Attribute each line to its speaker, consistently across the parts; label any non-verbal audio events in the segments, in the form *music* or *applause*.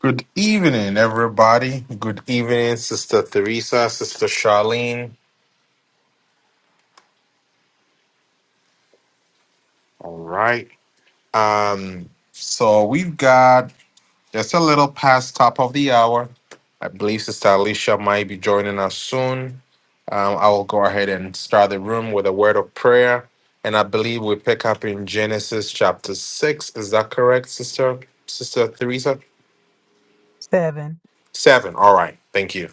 Speaker 1: Good evening, everybody. Good evening, Sister Theresa, Sister Charlene. All right. Um, so we've got just a little past top of the hour. I believe Sister Alicia might be joining us soon. Um, I will go ahead and start the room with a word of prayer. And I believe we pick up in Genesis chapter six. Is that correct, Sister Sister Theresa?
Speaker 2: 7,
Speaker 1: Seven. All right. Thank you.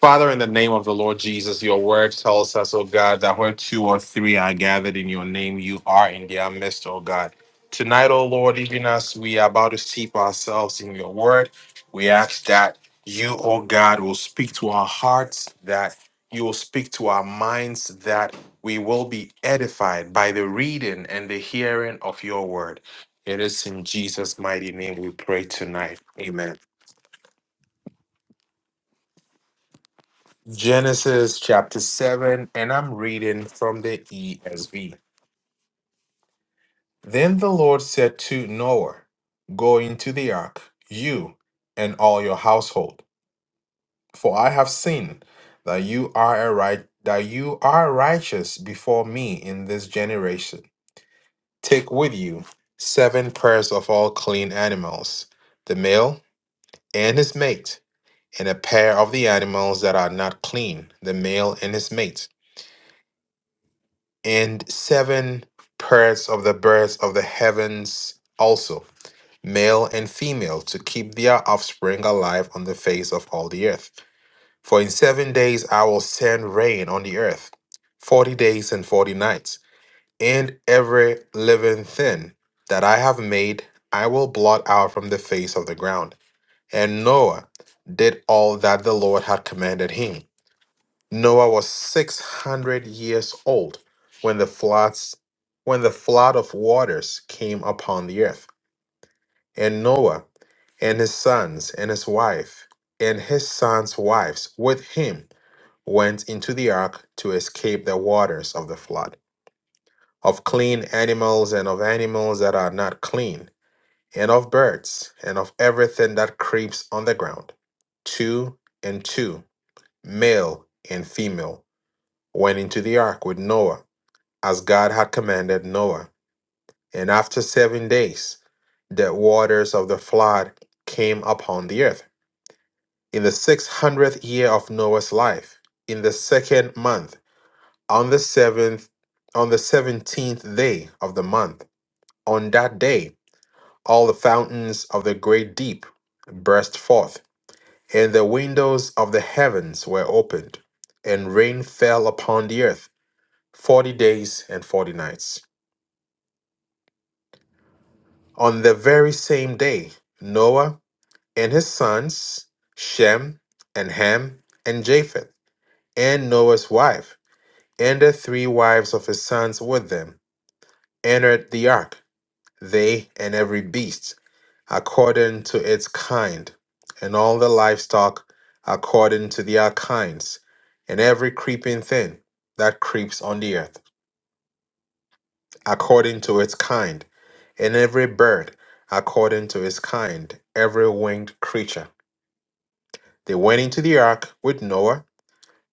Speaker 1: Father, in the name of the Lord Jesus, your word tells us, oh God, that where two or three are gathered in your name, you are in their midst, oh God. Tonight, oh Lord, even as we are about to steep ourselves in your word, we ask that you, oh God, will speak to our hearts, that you will speak to our minds, that we will be edified by the reading and the hearing of your word. It is in Jesus' mighty name we pray tonight. Amen. Genesis chapter 7, and I'm reading from the ESV. Then the Lord said to Noah, Go into the ark, you and all your household, for I have seen that you are a right that you are righteous before me in this generation. Take with you seven pairs of all clean animals, the male and his mate, and a pair of the animals that are not clean, the male and his mate and seven pairs of the birds of the heavens also, male and female, to keep their offspring alive on the face of all the earth. For in seven days I will send rain on the earth, forty days and forty nights, and every living thing that I have made I will blot out from the face of the ground. And Noah did all that the Lord had commanded him Noah was 600 years old when the floods when the flood of waters came upon the earth. And Noah and his sons and his wife and his sons' wives with him went into the ark to escape the waters of the flood, of clean animals and of animals that are not clean, and of birds and of everything that creeps on the ground. Two and two, male and female, went into the ark with Noah as God had commanded Noah. And after seven days, the waters of the flood came upon the earth. In the six hundredth year of Noah's life, in the second month, on the seventh, on the seventeenth day of the month, on that day, all the fountains of the great deep burst forth, and the windows of the heavens were opened, and rain fell upon the earth forty days and forty nights. On the very same day, Noah and his sons, Shem and Ham and Japheth, and Noah's wife, and the three wives of his sons with them, entered the ark, they and every beast, according to its kind, and all the livestock according to their kinds, and every creeping thing that creeps on the earth, according to its kind, and every bird according to its kind, every winged creature. They went into the ark with Noah,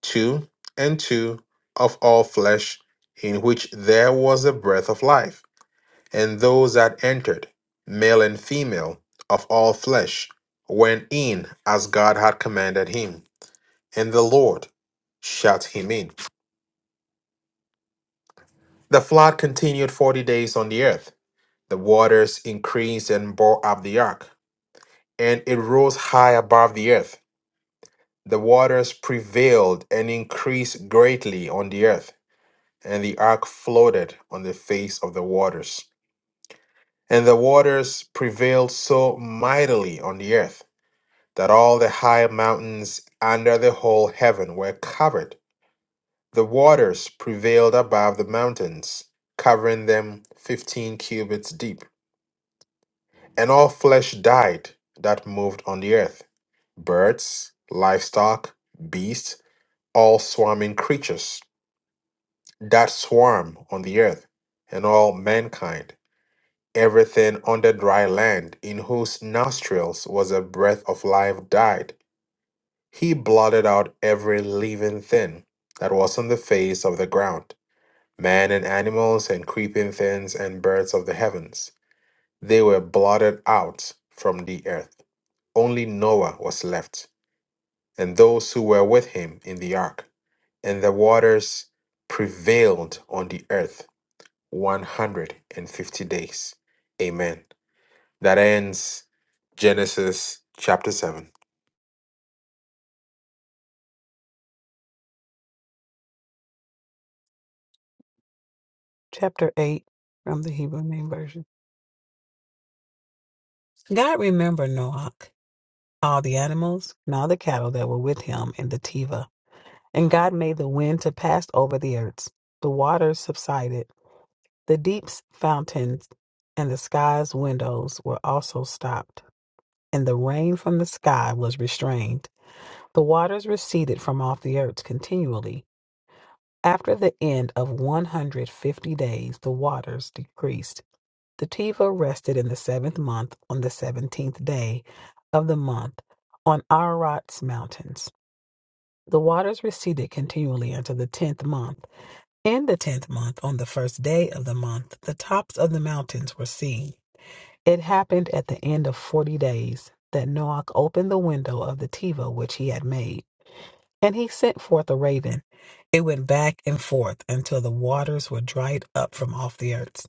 Speaker 1: two and two of all flesh, in which there was a breath of life. And those that entered, male and female, of all flesh, went in as God had commanded him. And the Lord shut him in. The flood continued forty days on the earth. The waters increased and bore up the ark, and it rose high above the earth. The waters prevailed and increased greatly on the earth and the ark floated on the face of the waters. And the waters prevailed so mightily on the earth that all the high mountains under the whole heaven were covered. The waters prevailed above the mountains, covering them fifteen cubits deep. And all flesh died that moved on the earth birds, livestock, beasts, all swarming creatures that swarm on the earth, and all mankind Everything on the dry land, in whose nostrils was a breath of life, died. He blotted out every living thing that was on the face of the ground man and animals, and creeping things, and birds of the heavens. They were blotted out from the earth. Only Noah was left, and those who were with him in the ark. And the waters prevailed on the earth 150 days. Amen. That ends Genesis chapter 7.
Speaker 2: chapter 8 from the Hebrew Name Version. God remembered Noach, all the animals, and all the cattle that were with him in the Teva. And God made the wind to pass over the earths. The waters subsided. The deep's fountains and the sky's windows were also stopped. And the rain from the sky was restrained. The waters receded from off the earth continually. After the end of 150 days, the waters decreased The Teva rested in the seventh month on the seventeenth day of the month on Ararat's mountains. The waters receded continually until the tenth month. In the tenth month, on the first day of the month, the tops of the mountains were seen. It happened at the end of forty days that Noach opened the window of the Teva which he had made. And he sent forth a raven. It went back and forth until the waters were dried up from off the earth.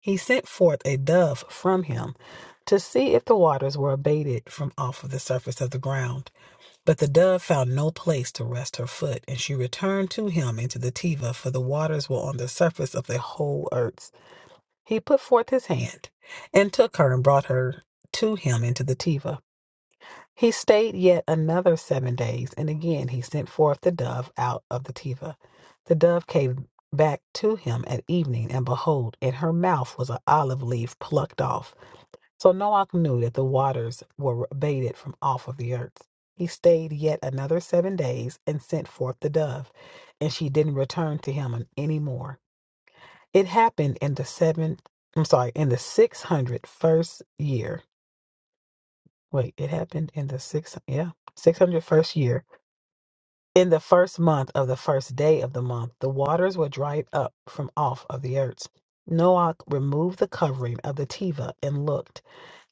Speaker 2: He sent forth a dove from him to see if the waters were abated from off of the surface of the ground. But the dove found no place to rest her foot, and she returned to him into the Teva, for the waters were on the surface of the whole earth. He put forth his hand and took her and brought her to him into the Teva. He stayed yet another seven days, and again he sent forth the dove out of the teva. The dove came back to him at evening, and behold, in her mouth was an olive leaf plucked off. So Noach knew that the waters were abated from off of the earth. He stayed yet another seven days, and sent forth the dove, and she didn't return to him any more. It happened in the seventh, I'm sorry, in the six hundred first year. Wait, it happened in the six, yeah, six hundred first year In the first month of the first day of the month, the waters were dried up from off of the earth. Noah removed the covering of the teva and looked.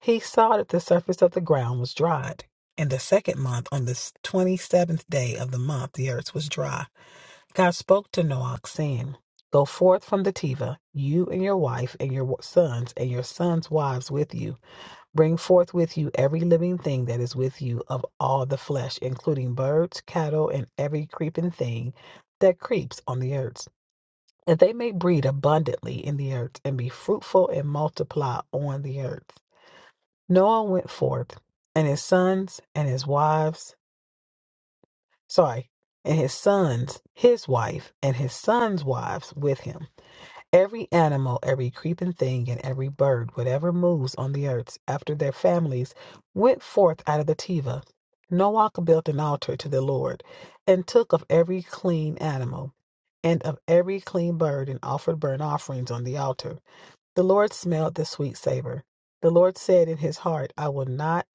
Speaker 2: He saw that the surface of the ground was dried. In the second month, on the s- 27th day of the month, the earth was dry. God spoke to Noah, saying, Go forth from the teva, you and your wife and your wa- sons and your sons' wives with you Bring forth with you every living thing that is with you of all the flesh, including birds, cattle, and every creeping thing that creeps on the earth, that they may breed abundantly in the earth and be fruitful and multiply on the earth. Noah went forth, and his sons and his wives, sorry, and his sons, his wife, and his sons' wives with him Every animal, every creeping thing, and every bird, whatever moves on the earth after their families, went forth out of the Teva. Noah built an altar to the Lord, and took of every clean animal, and of every clean bird, and offered burnt offerings on the altar. The Lord smelled the sweet savor. The Lord said in his heart, I will not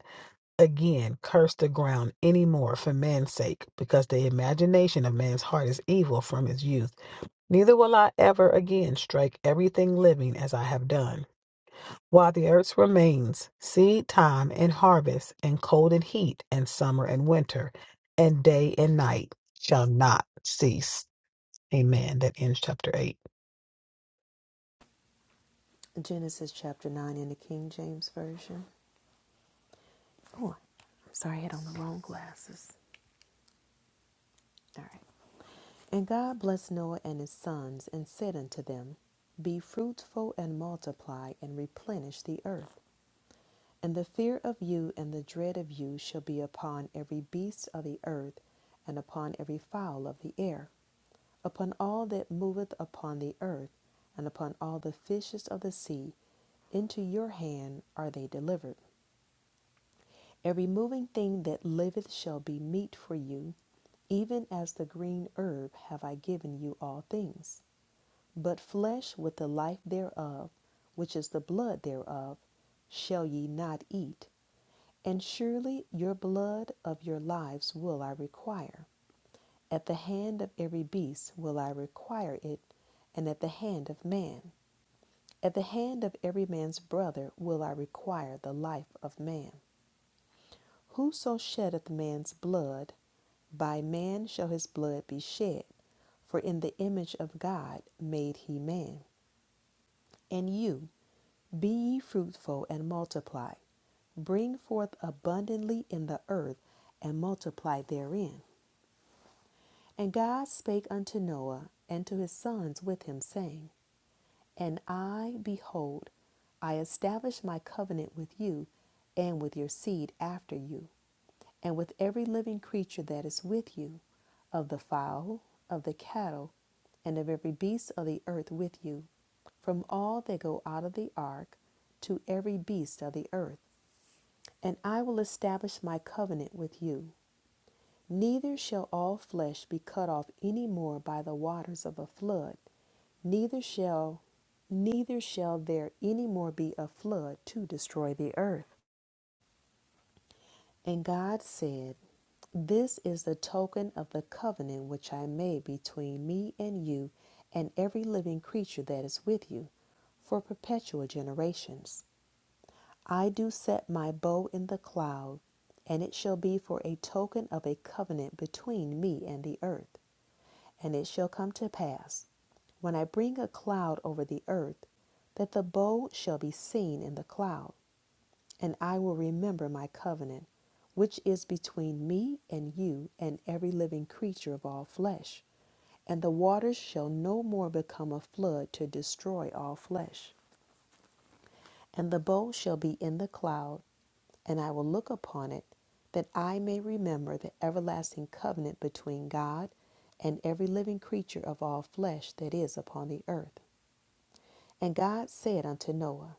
Speaker 2: again curse the ground any more for man's sake, because the imagination of man's heart is evil from his youth. Neither will I ever again strike everything living as I have done. While the earth remains, seed time and harvest, and cold and heat, and summer and winter, and day and night shall not cease. Amen. That ends chapter 8.
Speaker 3: Genesis chapter 9 in the King James Version. Oh, I'm sorry, I had on the wrong glasses. All right. And God blessed Noah and his sons and said unto them, Be fruitful and multiply and replenish the earth. And the fear of you and the dread of you shall be upon every beast of the earth and upon every fowl of the air, upon all that moveth upon the earth, and upon all the fishes of the sea. Into your hand are they delivered. Every moving thing that liveth shall be meat for you, even as the green herb have I given you all things. But flesh with the life thereof, which is the blood thereof, shall ye not eat. And surely your blood of your lives will I require. At the hand of every beast will I require it, and at the hand of man. At the hand of every man's brother will I require the life of man. Whoso sheddeth man's blood, by man shall his blood be shed. For in the image of God made he man. And you, be ye fruitful and multiply, bring forth abundantly in the earth, and multiply therein. And God spake unto Noah and to his sons with him, saying, And I, behold, I establish my covenant with you and with your seed after you and with every living creature that is with you, of the fowl, of the cattle, and of every beast of the earth with you, from all that go out of the ark to every beast of the earth. And I will establish my covenant with you. Neither shall all flesh be cut off any more by the waters of a flood, neither shall neither shall there any more be a flood to destroy the earth. And God said, This is the token of the covenant which I made between me and you and every living creature that is with you for perpetual generations. I do set my bow in the cloud, and it shall be for a token of a covenant between me and the earth. And it shall come to pass, when I bring a cloud over the earth, that the bow shall be seen in the cloud and I will remember my covenant, which is between me and you and every living creature of all flesh. And the waters shall no more become a flood to destroy all flesh. And the bow shall be in the cloud, and I will look upon it, that I may remember the everlasting covenant between God and every living creature of all flesh that is upon the earth. And God said unto Noah,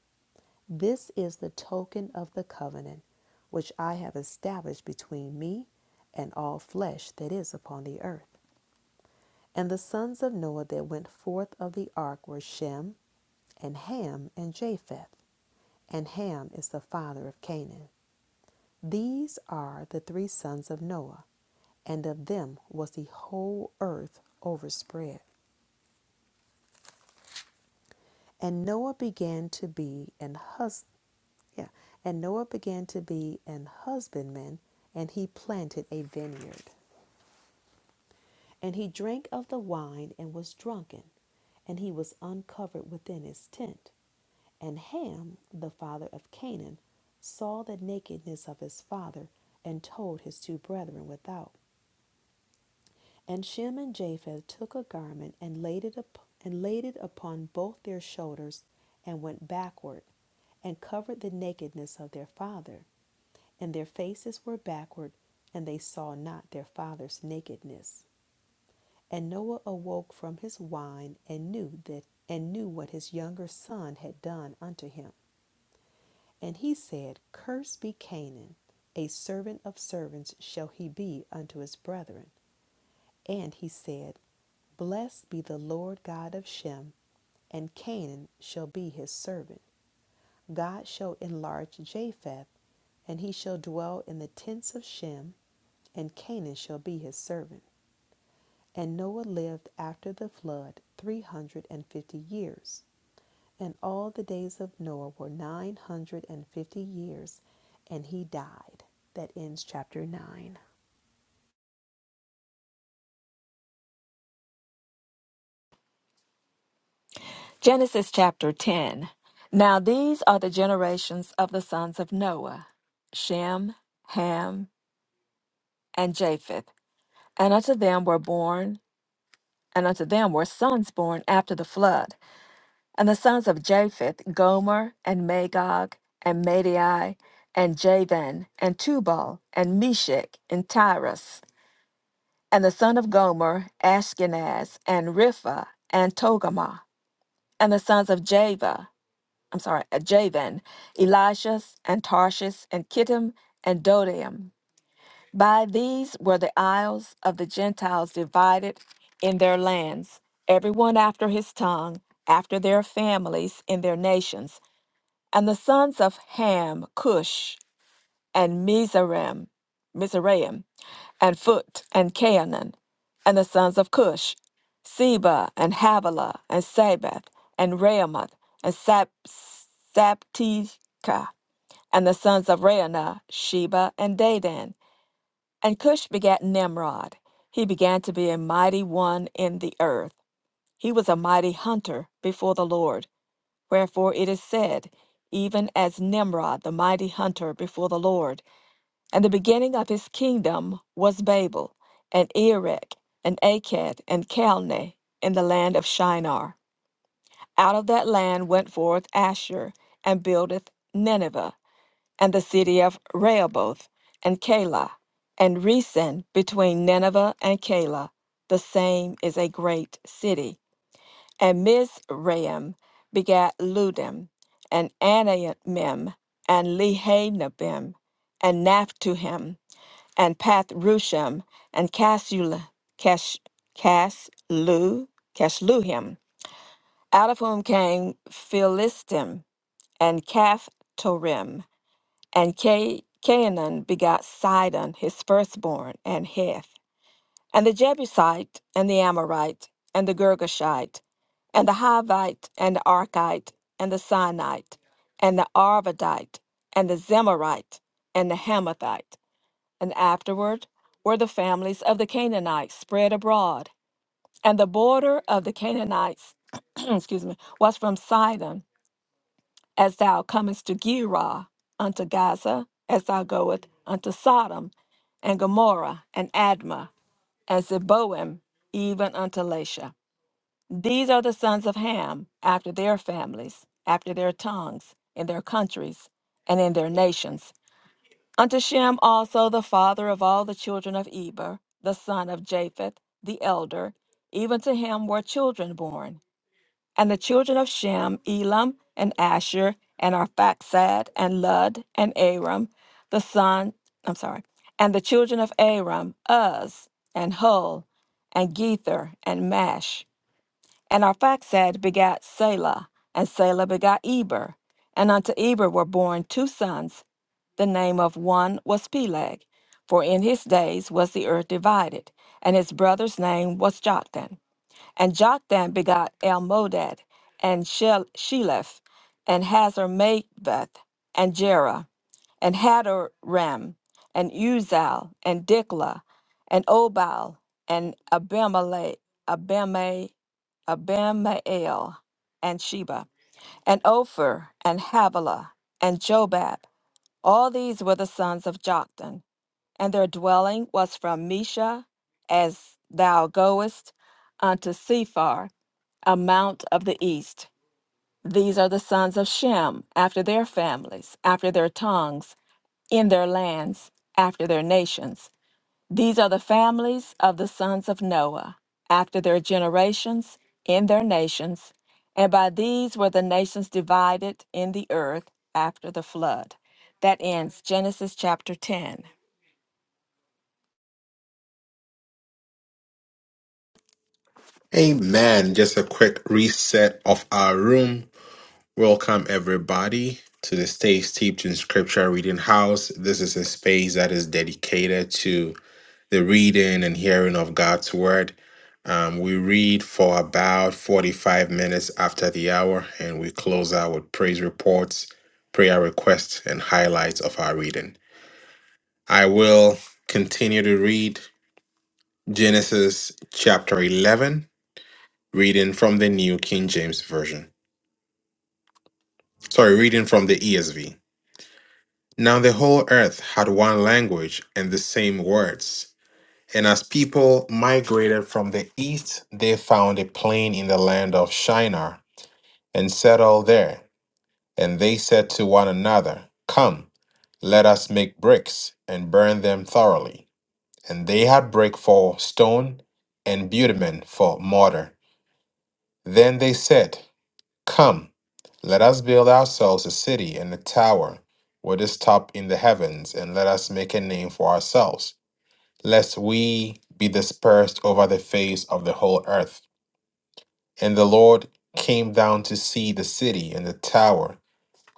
Speaker 3: This is the token of the covenant which I have established between me and all flesh that is upon the earth. And the sons of Noah that went forth of the ark were Shem, and Ham, and Japheth. And Ham is the father of Canaan. These are the three sons of Noah, and of them was the whole earth overspread. And Noah began to be an husband Yeah. And Noah began to be an husbandman, and he planted a vineyard. And he drank of the wine and was drunken, and he was uncovered within his tent. And Ham, the father of Canaan, saw the nakedness of his father, and told his two brethren without. And Shem and Japheth took a garment and laid it up, and laid it upon both their shoulders, and went backward, and covered the nakedness of their father. And their faces were backward, and they saw not their father's nakedness. And Noah awoke from his wine and knew that and knew what his younger son had done unto him. And he said, Cursed be Canaan, a servant of servants shall he be unto his brethren. And he said, Blessed be the Lord God of Shem, and Canaan shall be his servant. God shall enlarge Japheth, and he shall dwell in the tents of Shem, and Canaan shall be his servant. And Noah lived after the flood 350 years. And all the days of Noah were 950 years, and he died. That ends chapter 9.
Speaker 4: Genesis chapter 10. Now these are the generations of the sons of Noah Shem, Ham, and Japheth. And unto them were born, and unto them were sons born after the flood. And the sons of Japheth Gomer, and Magog, and Madai, and Javan, and Tubal, and Meshech, and Tyrus. And the son of Gomer, Ashkenaz, and Ripha, and Togarmah. And the sons of Java. I'm sorry, uh, Javan, Elishas, and Tarshish, and Kittim, and Dodaim. By these were the isles of the Gentiles divided in their lands, everyone after his tongue, after their families in their nations. And the sons of Ham, Cush, and Mizraim, Mizraim and Phut, and Canaan, and the sons of Cush, Seba, and Havilah, and Sabeth, and Ramoth, and Sap- Saptika, and the sons of Reanah, Sheba, and Dedan. And Cush begat Nimrod. He began to be a mighty one in the earth. He was a mighty hunter before the Lord. Wherefore it is said, even as Nimrod, the mighty hunter before the Lord. And the beginning of his kingdom was Babel, and Erech, and Akkad, and Calneh, in the land of Shinar. Out of that land went forth Asher, and buildeth Nineveh, and the city of Rehoboth, and Calah, and Resen between Nineveh and Calah. The same is a great city. And Mizraim begat Ludim, and Anammim, and Lehanabim, and Naphtuhim, and Path Rushem, and Cashul, Cash, Cashlu, Cashluhim, out of whom came Philistim, and Caphtorim. and Ca- Canaan begot Sidon, his firstborn, and Heth, and the Jebusite, and the Amorite, and the Girgashite, and the Hivite, and the Archite, and the Sinite, and the Arvadite, and the Zemarite, and the Hamathite and afterward were the families of the Canaanites spread abroad. And the border of the Canaanites, *clears throat* excuse me, was from Sidon, as thou comest to Gerar, unto Gaza, as thou goest unto Sodom, and Gomorrah, and Admah, and Zeboim, even unto Lasha. These are the sons of Ham, after their families, after their tongues, in their countries, and in their nations. Unto Shem also the father of all the children of Eber, the son of Japheth, the elder, even to him were children born. And the children of Shem, Elam, and Asher, and Arphaxad, and Lud, and Aram, the son, I'm sorry, and the children of Aram, Uz, and Hul, and Gether, and Mash. And Arphaxad begat Selah, and Selah begat Eber. And unto Eber were born two sons, the name of one was Peleg, for in his days was the earth divided, and his brother's name was Joktan. And Joktan begot Elmodad, and Shel- Sheleph, and Hazarmaveth, and Jerah, and Hadoram, and Uzal, and Dikla, and Obal, and Abimelech, Abime, Abimael, and Sheba, and Ophir, and Havilah, and Jobab, all these were the sons of Joktan, and their dwelling was from Mesha, as thou goest, unto Sephar, a mount of the east. These are the sons of Shem, after their families, after their tongues, in their lands, after their nations. These are the families of the sons of Noah, after their generations, in their nations, and by these were the nations divided in the earth after the flood. That ends Genesis chapter 10.
Speaker 1: Amen. Just a quick reset of our room. Welcome, everybody, to the Stay Steeped in Scripture Reading House. This is a space that is dedicated to the reading and hearing of God's Word. Um, we read for about 45 minutes after the hour, and we close out with praise reports, prayer requests, and highlights of our reading. I will continue to read Genesis chapter 11, reading from the New King James Version. Sorry, reading from the ESV. Now the whole earth had one language and the same words. And as people migrated from the east, they found a plain in the land of Shinar and settled there. And they said to one another, Come, let us make bricks and burn them thoroughly. And they had brick for stone and bitumen for mortar. Then they said, Come, let us build ourselves a city and a tower with its top in the heavens, and let us make a name for ourselves, lest we be dispersed over the face of the whole earth. And the Lord came down to see the city and the tower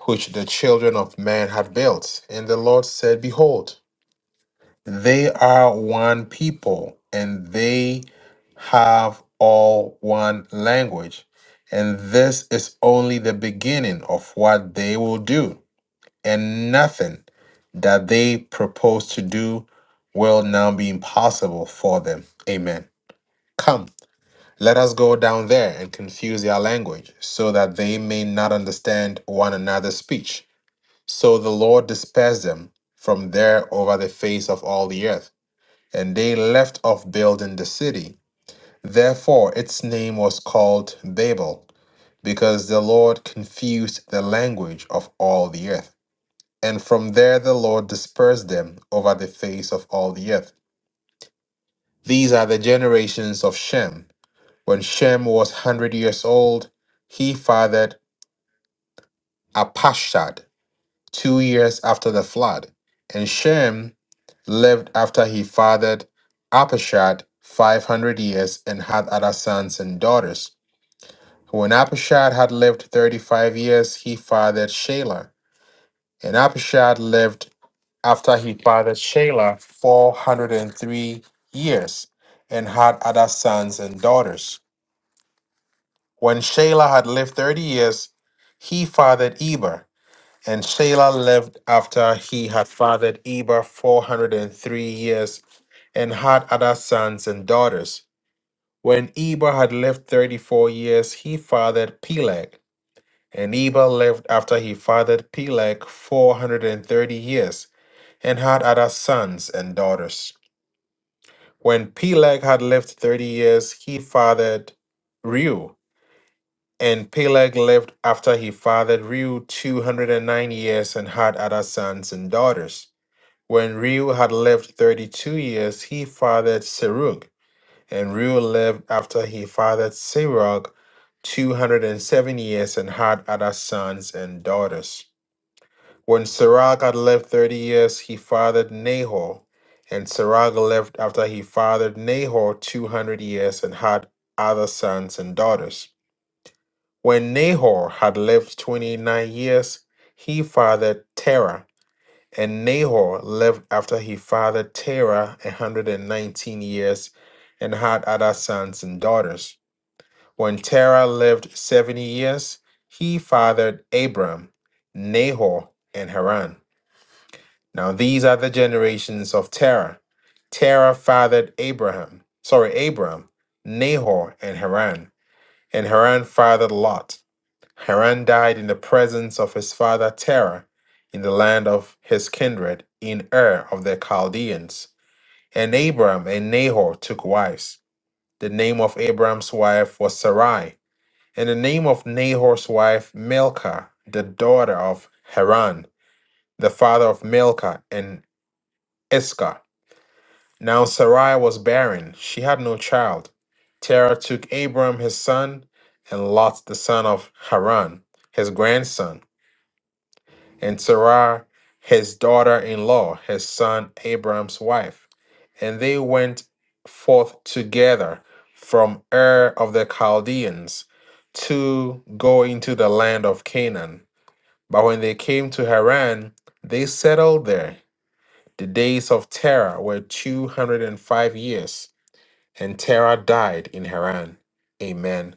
Speaker 1: which the children of man had built. And the Lord said, Behold, they are one people and they have all one language. And this is only the beginning of what they will do. And nothing that they propose to do will now be impossible for them. Amen. Come, let us go down there and confuse their language so that they may not understand one another's speech. So the Lord dispersed them from there over the face of all the earth and they left off building the city. Therefore, its name was called Babel, because the Lord confused the language of all the earth. And from there the Lord dispersed them over the face of all the earth. These are the generations of Shem. When Shem was 100 years old, he fathered Apashad two years after the flood. And Shem lived after he fathered Apishad 500 years and had other sons and daughters. When Apishad had lived 35 years, he fathered Shelah. And Apishad lived after he fathered Shelah 403 years and had other sons and daughters. When Shelah had lived 30 years, he fathered Eber. And Shelah lived after he had fathered Eber 403 years and had other sons and daughters. When Eber had lived 34 years, he fathered Peleg. And Eber lived after he fathered Peleg 430 years and had other sons and daughters. When Peleg had lived 30 years, he fathered Reu. And Peleg lived after he fathered Reu 209 years and had other sons and daughters. When Reu had lived 32 years, he fathered Serug, and Reu lived after he fathered Serug 207 years and had other sons and daughters. When Serug had lived 30 years, he fathered Nahor, and Serug lived after he fathered Nahor 200 years and had other sons and daughters. When Nahor had lived 29 years, he fathered Terah. And Nahor lived after he fathered Terah a 119 years and had other sons and daughters. When Terah lived 70 years, he fathered Abram, Nahor, and Haran. Now these are the generations of Terah. Terah fathered Abraham, sorry, Abram, Nahor, and Haran. And Haran fathered Lot. Haran died in the presence of his father Terah in the land of his kindred in Ur of the Chaldeans. And Abram and Nahor took wives. The name of Abram's wife was Sarai, and the name of Nahor's wife Milcah, the daughter of Haran, the father of Milcah and Iscah. Now Sarai was barren, she had no child. Terah took Abram his son, and Lot the son of Haran, his grandson and Sarah his daughter-in-law, his son Abram's wife. And they went forth together from Ur of the Chaldeans to go into the land of Canaan. But when they came to Haran, they settled there. The days of Terah were 205 years, and Terah died in Haran. Amen.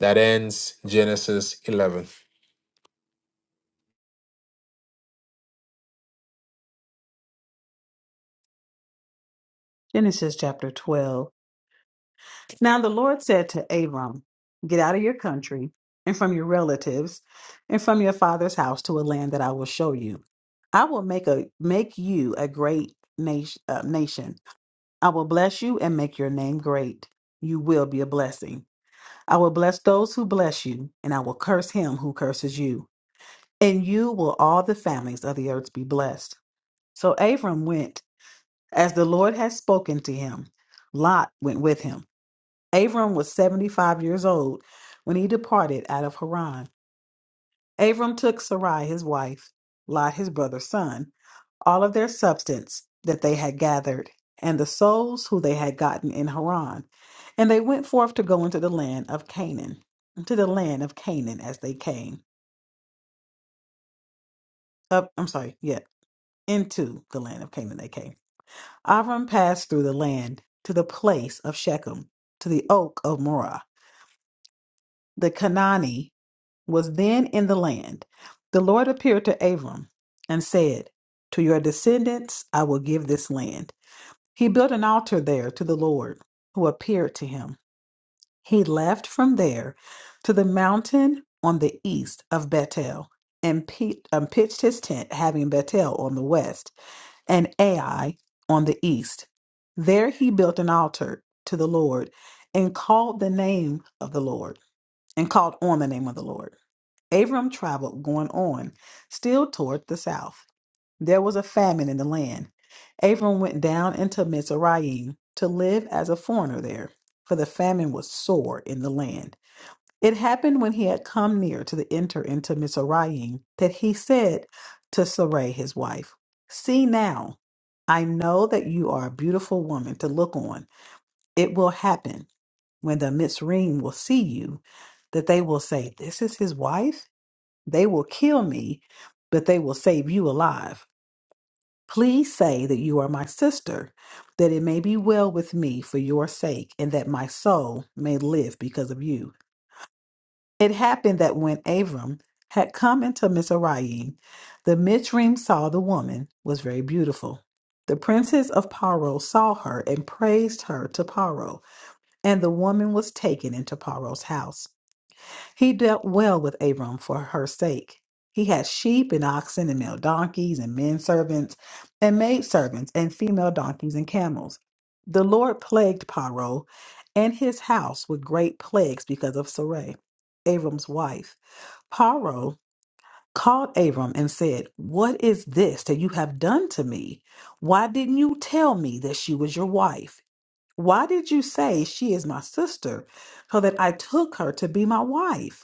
Speaker 1: That ends Genesis 11.
Speaker 2: Genesis chapter 12. Now the Lord said to Abram, Get out of your country and from your relatives and from your father's house to a land that I will show you. I will make a make you a great nation, uh, nation, I will bless you and make your name great. You will be a blessing. I will bless those who bless you, and I will curse him who curses you. And you will all the families of the earth be blessed. So Abram went as the Lord had spoken to him. Lot went with him. Abram was 75 years old when he departed out of Haran. Abram took Sarai his wife, Lot his brother's son all of their substance that they had gathered, and the souls who they had gotten in Haran. And they went forth to go into the land of Canaan, into the land of Canaan as they came. Up, I'm sorry, yeah, into the land of Canaan they came. Avram passed through the land to the place of Shechem, to the oak of Morah. The Canaanite was then in the land. The Lord appeared to Abram and said, To your descendants I will give this land. He built an altar there to the Lord, who appeared to him. He left from there to the mountain on the east of Bethel, and pe- um, pitched his tent, having Bethel on the west and Ai on the east. There he built an altar to the Lord, and called the name of the Lord, and called on the name of the Lord. Abram traveled going on, still toward the south. There was a famine in the land. Abram went down into Mizraim to live as a foreigner there, for the famine was sore in the land. It happened when he had come near to the enter into Mizraim that he said to Sarai his wife, See now, I know that you are a beautiful woman to look on. It will happen when the Mizraim will see you that they will say, This is his wife? They will kill me, but they will save you alive. Please say that you are my sister, that it may be well with me for your sake, and that my soul may live because of you. It happened that when Abram had come into Mizraim, the Mitzrim saw the woman was very beautiful. The princes of Paro saw her and praised her to Paro, and the woman was taken into Paro's house. He dealt well with Abram for her sake. He had sheep and oxen and male donkeys and men servants and maid servants and female donkeys and camels. The Lord plagued Paro and his house with great plagues because of Sarai, Abram's wife. Paro called Abram and said, What is this that you have done to me? Why didn't you tell me that she was your wife? Why did you say she is my sister, so that I took her to be my wife?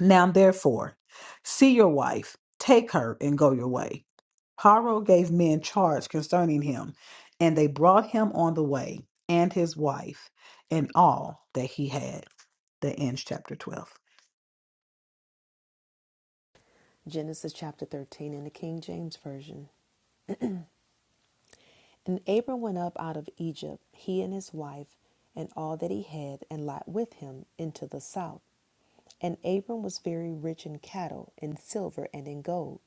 Speaker 2: Now therefore, see your wife, take her, and go your way. Paro gave men charge concerning him, and they brought him on the way, and his wife, and all that he had. That ends chapter 12.
Speaker 3: Genesis chapter 13 in the King James Version. And Abram went up out of Egypt, he and his wife, and all that he had, and Lot with him, into the south. And Abram was very rich in cattle, in silver, and in gold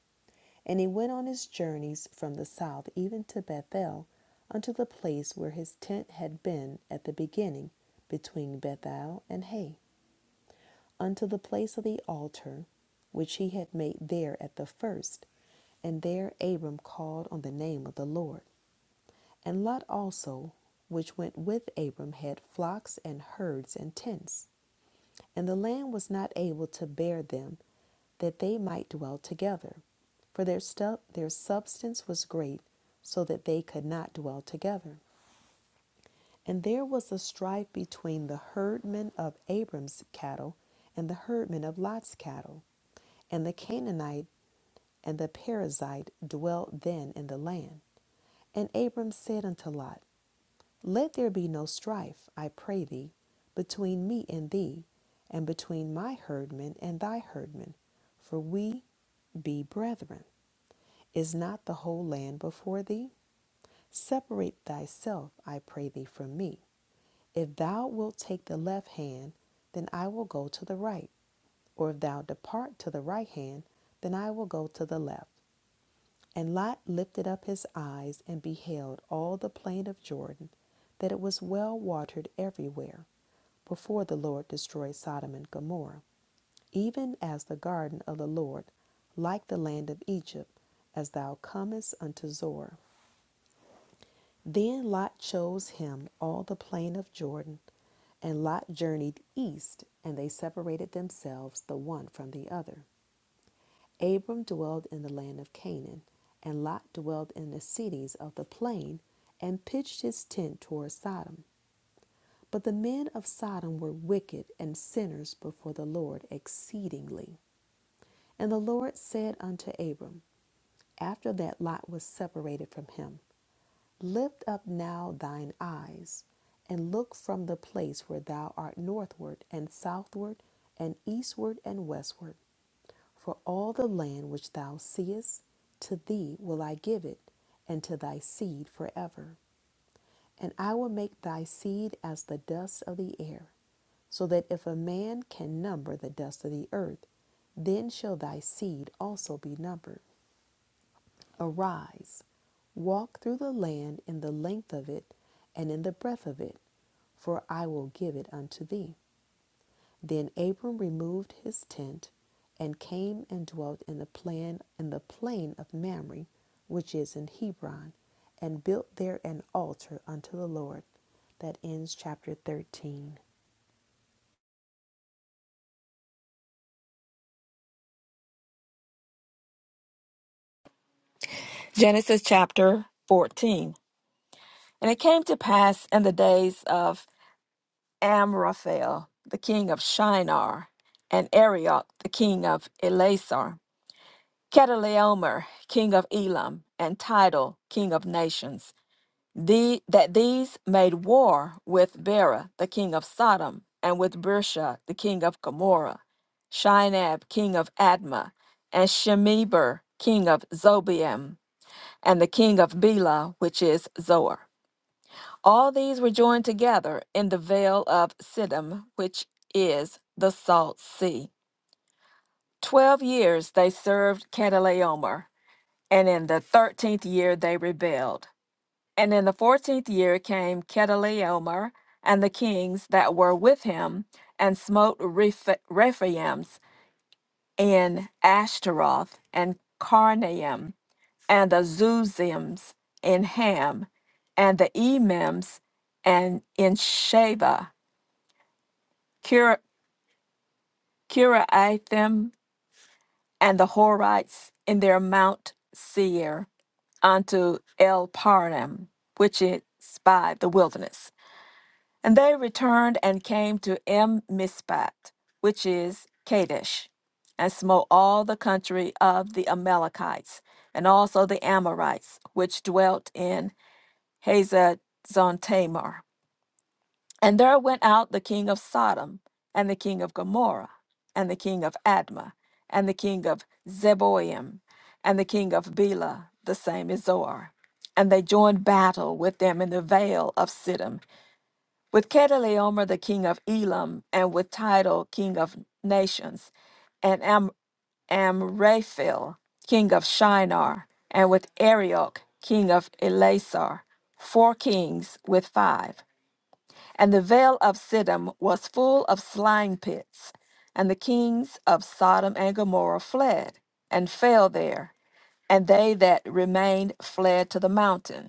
Speaker 3: And he went on his journeys from the south even to Bethel, unto the place where his tent had been at the beginning, between Bethel and Hay, unto the place of the altar which he had made there at the first. And there Abram called on the name of the Lord. And Lot also, which went with Abram, had flocks and herds and tents. And the land was not able to bear them, that they might dwell together. For their, stu- their substance was great, so that they could not dwell together. And there was a strife between the herdmen of Abram's cattle and the herdmen of Lot's cattle. And the Canaanite and the Perizzite dwelt then in the land. And Abram said unto Lot, Let there be no strife, I pray thee, between me and thee, and between my herdmen and thy herdmen, for we be brethren. Is not the whole land before thee? Separate thyself, I pray thee, from me. If thou wilt take the left hand, then I will go to the right. Or if thou depart to the right hand, then I will go to the left. And Lot lifted up his eyes and beheld all the plain of Jordan, that it was well watered everywhere, before the Lord destroyed Sodom and Gomorrah, even as the garden of the Lord, like the land of Egypt, as thou comest unto Zoar. Then Lot chose him all the plain of Jordan, and Lot journeyed east, and they separated themselves the one from the other. Abram dwelled in the land of Canaan, and Lot dwelled in the cities of the plain, and pitched his tent toward Sodom. But the men of Sodom were wicked and sinners before the Lord exceedingly. And the Lord said unto Abram, after that Lot was separated from him, Lift up now thine eyes and look from the place where thou art northward and southward and eastward and westward. For all the land which thou seest, to thee will I give it, and to thy seed forever. And I will make thy seed as the dust of the air, so that if a man can number the dust of the earth, then shall thy seed also be numbered. Arise, walk through the land in the length of it and in the breadth of it, for I will give it unto thee. Then Abram removed his tent and came and dwelt in the plain in the plain of Mamre, which is in Hebron, and built there an altar unto the Lord. That ends chapter 13.
Speaker 4: Genesis chapter 14. And it came to pass in the days of Amraphel, the king of Shinar, and Arioch, the king of Elasar, Chedorlaomer, king of Elam, and Tidal, king of nations the, that these made war with Bera, the king of Sodom, and with Birsha, the king of Gomorrah, Shinab, king of Admah, and Shemeber, king of Zobeim, and the king of Bela, which is Zoar. All these were joined together in the vale of Siddim, which is the salt sea. Twelve years they served Chedorlaomer, and in the thirteenth year they rebelled. And in the fourteenth year came Chedorlaomer and the kings that were with him, and smote Reph- Rephaim and Ashtaroth and Carnaim, and the Zuzims in Ham, and the Emims and in Sheba, Kir- Kiriathim and the Horites in their Mount Seir unto El Parnam, which is by the wilderness. And they returned and came to M Mizpat, which is Kadesh, and smote all the country of the Amalekites, and also the Amorites, which dwelt in Hazazon Tamar. And there went out the king of Sodom, and the king of Gomorrah, and the king of Admah, and the king of Zeboim, and the king of Bela, the same is Zoar. And they joined battle with them in the vale of Siddim with Chedorlaomer the king of Elam, and with Tidal king of nations, and Am- Amraphel king of Shinar, and with Arioch king of Elasar, four kings with five. And the vale of Siddim was full of slang pits, and the kings of Sodom and Gomorrah fled and fell there, and they that remained fled to the mountain.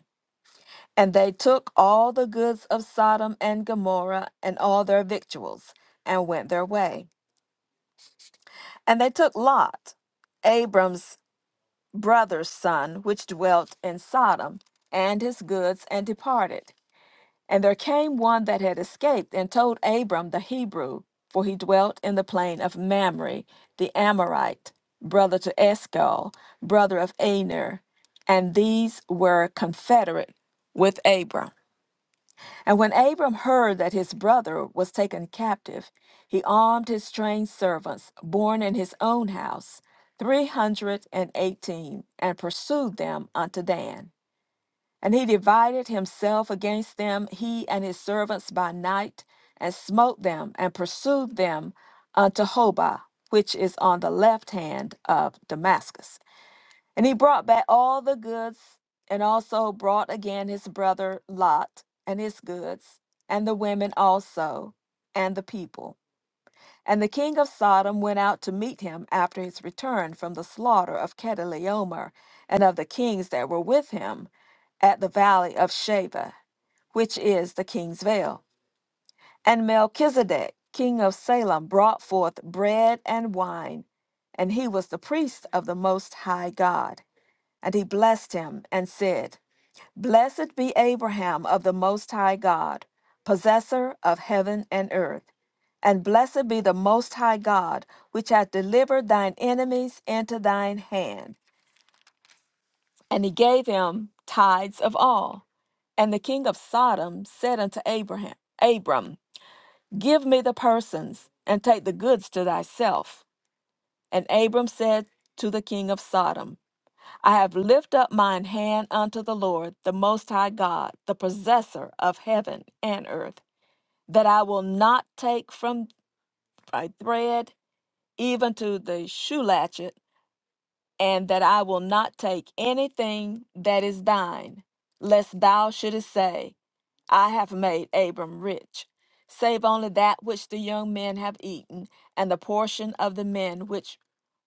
Speaker 4: And they took all the goods of Sodom and Gomorrah and all their victuals and went their way. And they took Lot, Abram's brother's son, which dwelt in Sodom, and his goods and departed. And there came one that had escaped and told Abram the Hebrew, for he dwelt in the plain of Mamre, the Amorite, brother to Escol, brother of Aner. And these were confederate with Abram. And when Abram heard that his brother was taken captive, he armed his trained servants, born in his own house, three hundred and eighteen, and pursued them unto Dan. And he divided himself against them, he and his servants by night, and smote them, and pursued them unto Hobah, which is on the left hand of Damascus. And he brought back all the goods, and also brought again his brother Lot and his goods, and the women also, and the people. And the king of Sodom went out to meet him after his return from the slaughter of Chedorlaomer and of the kings that were with him at the valley of Sheba, which is the king's vale. And Melchizedek, king of Salem, brought forth bread and wine, and he was the priest of the Most High God. And he blessed him and said, Blessed be Abraham of the Most High God, possessor of heaven and earth. And blessed be the Most High God, which hath delivered thine enemies into thine hand. And he gave him tithes of all. And the king of Sodom said unto Abraham, Abram, give me the persons, and take the goods to thyself. And Abram said to the king of Sodom, I have lifted up mine hand unto the Lord, the Most High God, the possessor of heaven and earth, that I will not take from a thread even to the shoe latchet, and that I will not take anything that is thine, lest thou shouldest say, I have made Abram rich, save only that which the young men have eaten, and the portion of the men which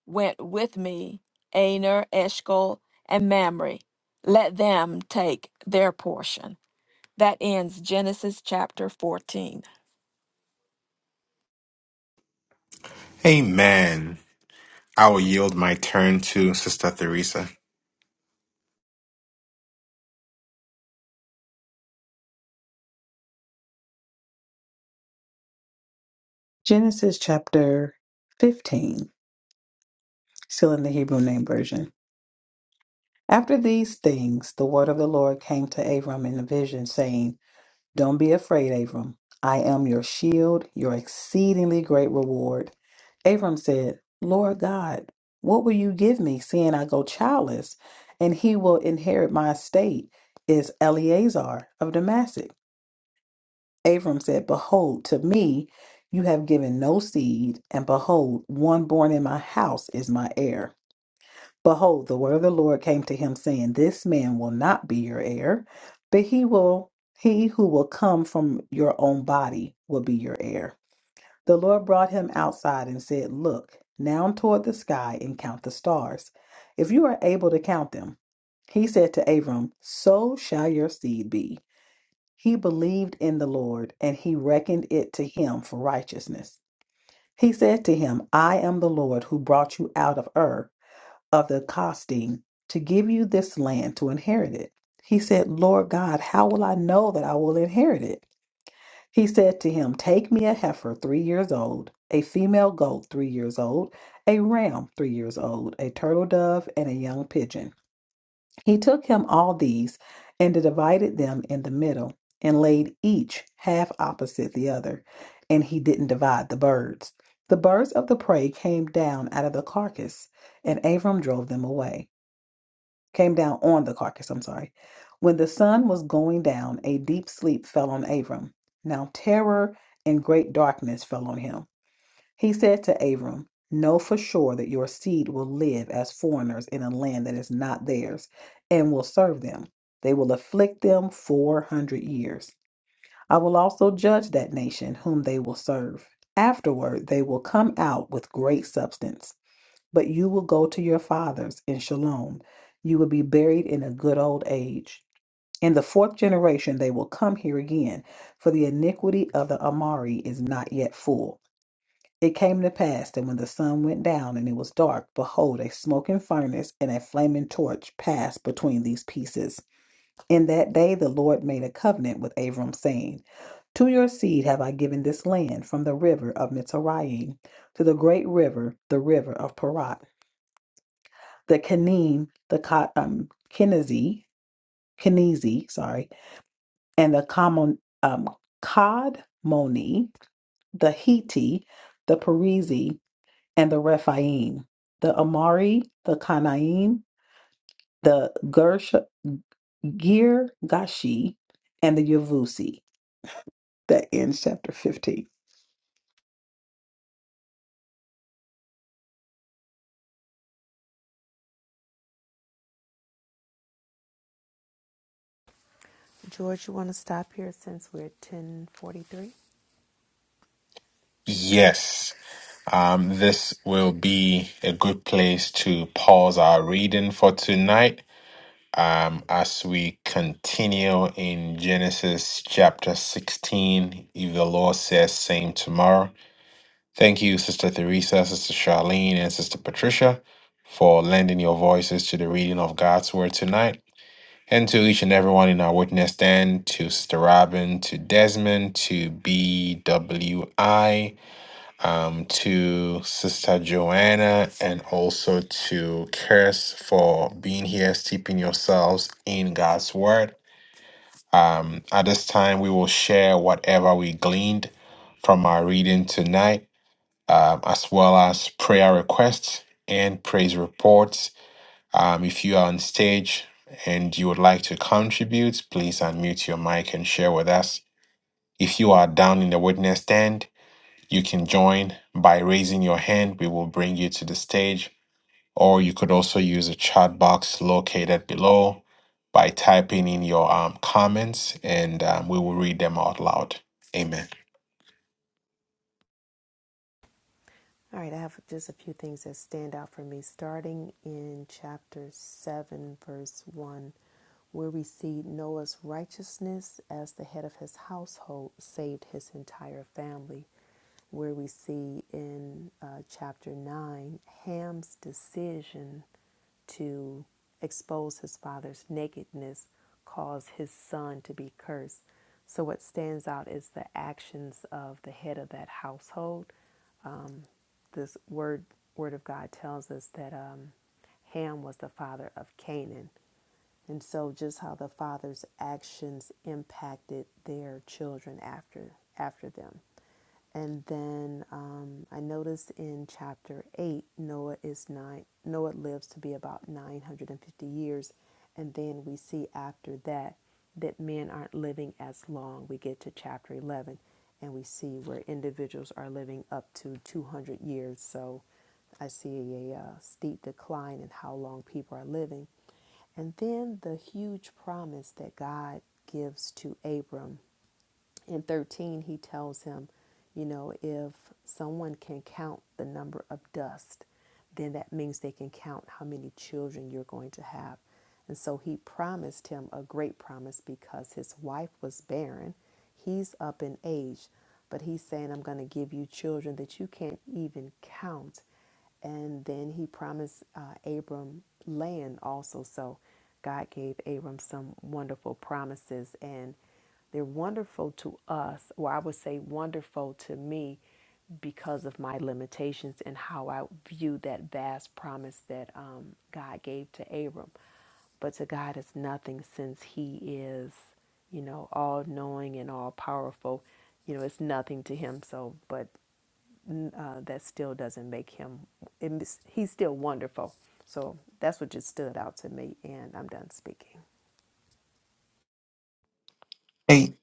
Speaker 4: went with me Aner, Eshcol, and Mamre. Let them take their portion. That ends Genesis chapter 14.
Speaker 1: Amen. I will yield my turn to Sister Theresa.
Speaker 2: Genesis chapter 15, still in the Hebrew name version. After these things, the word of the Lord came to Abram in a vision, saying, Don't be afraid, Abram. I am your shield, your exceedingly great reward. Abram said, Lord God, what will you give me, seeing I go childless? And he will inherit my estate, is Eleazar of Damascus. Abram said, Behold, to me you have given no seed, and behold, one born in my house is my heir. Behold, the word of the Lord came to him, saying, This man will not be your heir, but he will he who will come from your own body will be your heir. The Lord brought him outside and said, Look now toward the sky and count the stars, if you are able to count them. He said to Abram, So shall your seed be. He believed in the Lord, and he reckoned it to him for righteousness. He said to him, I am the Lord who brought you out of Ur of the costing to give you this land to inherit it. He said, Lord God, how will I know that I will inherit it? He said to him, Take me a heifer three years old, a female goat three years old, a ram three years old, a turtle dove, and a young pigeon. He took him all these and divided them in the middle and laid each half opposite the other. And he didn't divide the birds. The birds of the prey came down out of the carcass, and Abram drove them away came down on the carcass, I'm sorry. When the sun was going down, a deep sleep fell on Abram. Now terror and great darkness fell on him. He said to Abram, Know for sure that your seed will live as foreigners in a land that is not theirs, and will serve them. They will afflict them 400 years. I will also judge that nation whom they will serve. Afterward, they will come out with great substance but you will go to your fathers in shalom. You will be buried in a good old age. In the fourth generation, they will come here again, for the iniquity of the Amari is not yet full. It came to pass that when the sun went down and it was dark, behold, a smoking furnace and a flaming torch passed between these pieces. In that day, the Lord made a covenant with Abram, saying, To your seed have I given this land, from the river of Mitzrayim to the great river, the river of Parat the Kanim, the Ka- um, Kenizi, Kenizi, sorry, and the Kamon, um, Kadmoni, the Hiti, the Perizi, and the Rephaim, the Amari, the Kanaim, the Gersh, Gir and the Yavusi. that ends chapter 15.
Speaker 3: George, you want to stop here since we're at 10:43?
Speaker 1: Yes, um, this will be a good place to pause our reading for tonight um, as we continue in Genesis chapter 16. If the Lord says, same tomorrow. Thank you, Sister Theresa, Sister Charlene, and Sister Patricia for lending your voices to the reading of God's Word tonight. And to each and everyone in our witness stand, to Sister Robin, to Desmond, to BWI, um, to Sister Joanna, and also to Chris for being here, steeping yourselves in God's Word. Um, at this time, we will share whatever we gleaned from our reading tonight, um, as well as prayer requests and praise reports um, if you are on stage and you would like to contribute, please unmute your mic and share with us. If you are down in the witness stand, you can join by raising your hand. We will bring you to the stage. Or you could also use a chat box located below by typing in your um, comments and um, we will read them out loud. Amen.
Speaker 3: All right, I have just a few things that stand out for me. Starting in chapter 7, verse 1, where we see Noah's righteousness as the head of his household saved his entire family. Where we see in uh, chapter 9, Ham's decision to expose his father's nakedness caused his son to be cursed. So, what stands out is the actions of the head of that household this word word of God tells us that um, Ham was the father of Canaan, and so just how the father's actions impacted their children after after them. And then um, I noticed in chapter eight, Noah is nine. Noah lives to be about nine hundred and fifty years, and then we see after that that men aren't living as long. We get to chapter 11 and we see where individuals are living up to 200 years. So I see a, uh steep decline in how long people are living. And then the huge promise that God gives to Abram in 13 he tells him you know if someone can count the number of dust then that means they can count how many children you're going to have and so he promised him a great promise because his wife was barren he's up in age but he's saying i'm going to give you children that you can't even count and then he promised uh, Abram land also. So God gave Abram some wonderful promises, and they're wonderful to us, or I would say wonderful to me because of my limitations and how I view that vast promise that um, God gave to Abram. But to God is nothing since He is, you know, all knowing and all powerful. You know, it's nothing to Him. So, but uh, that still doesn't make him, it he's still wonderful. So that's what just stood out to me, and I'm done speaking.
Speaker 1: A-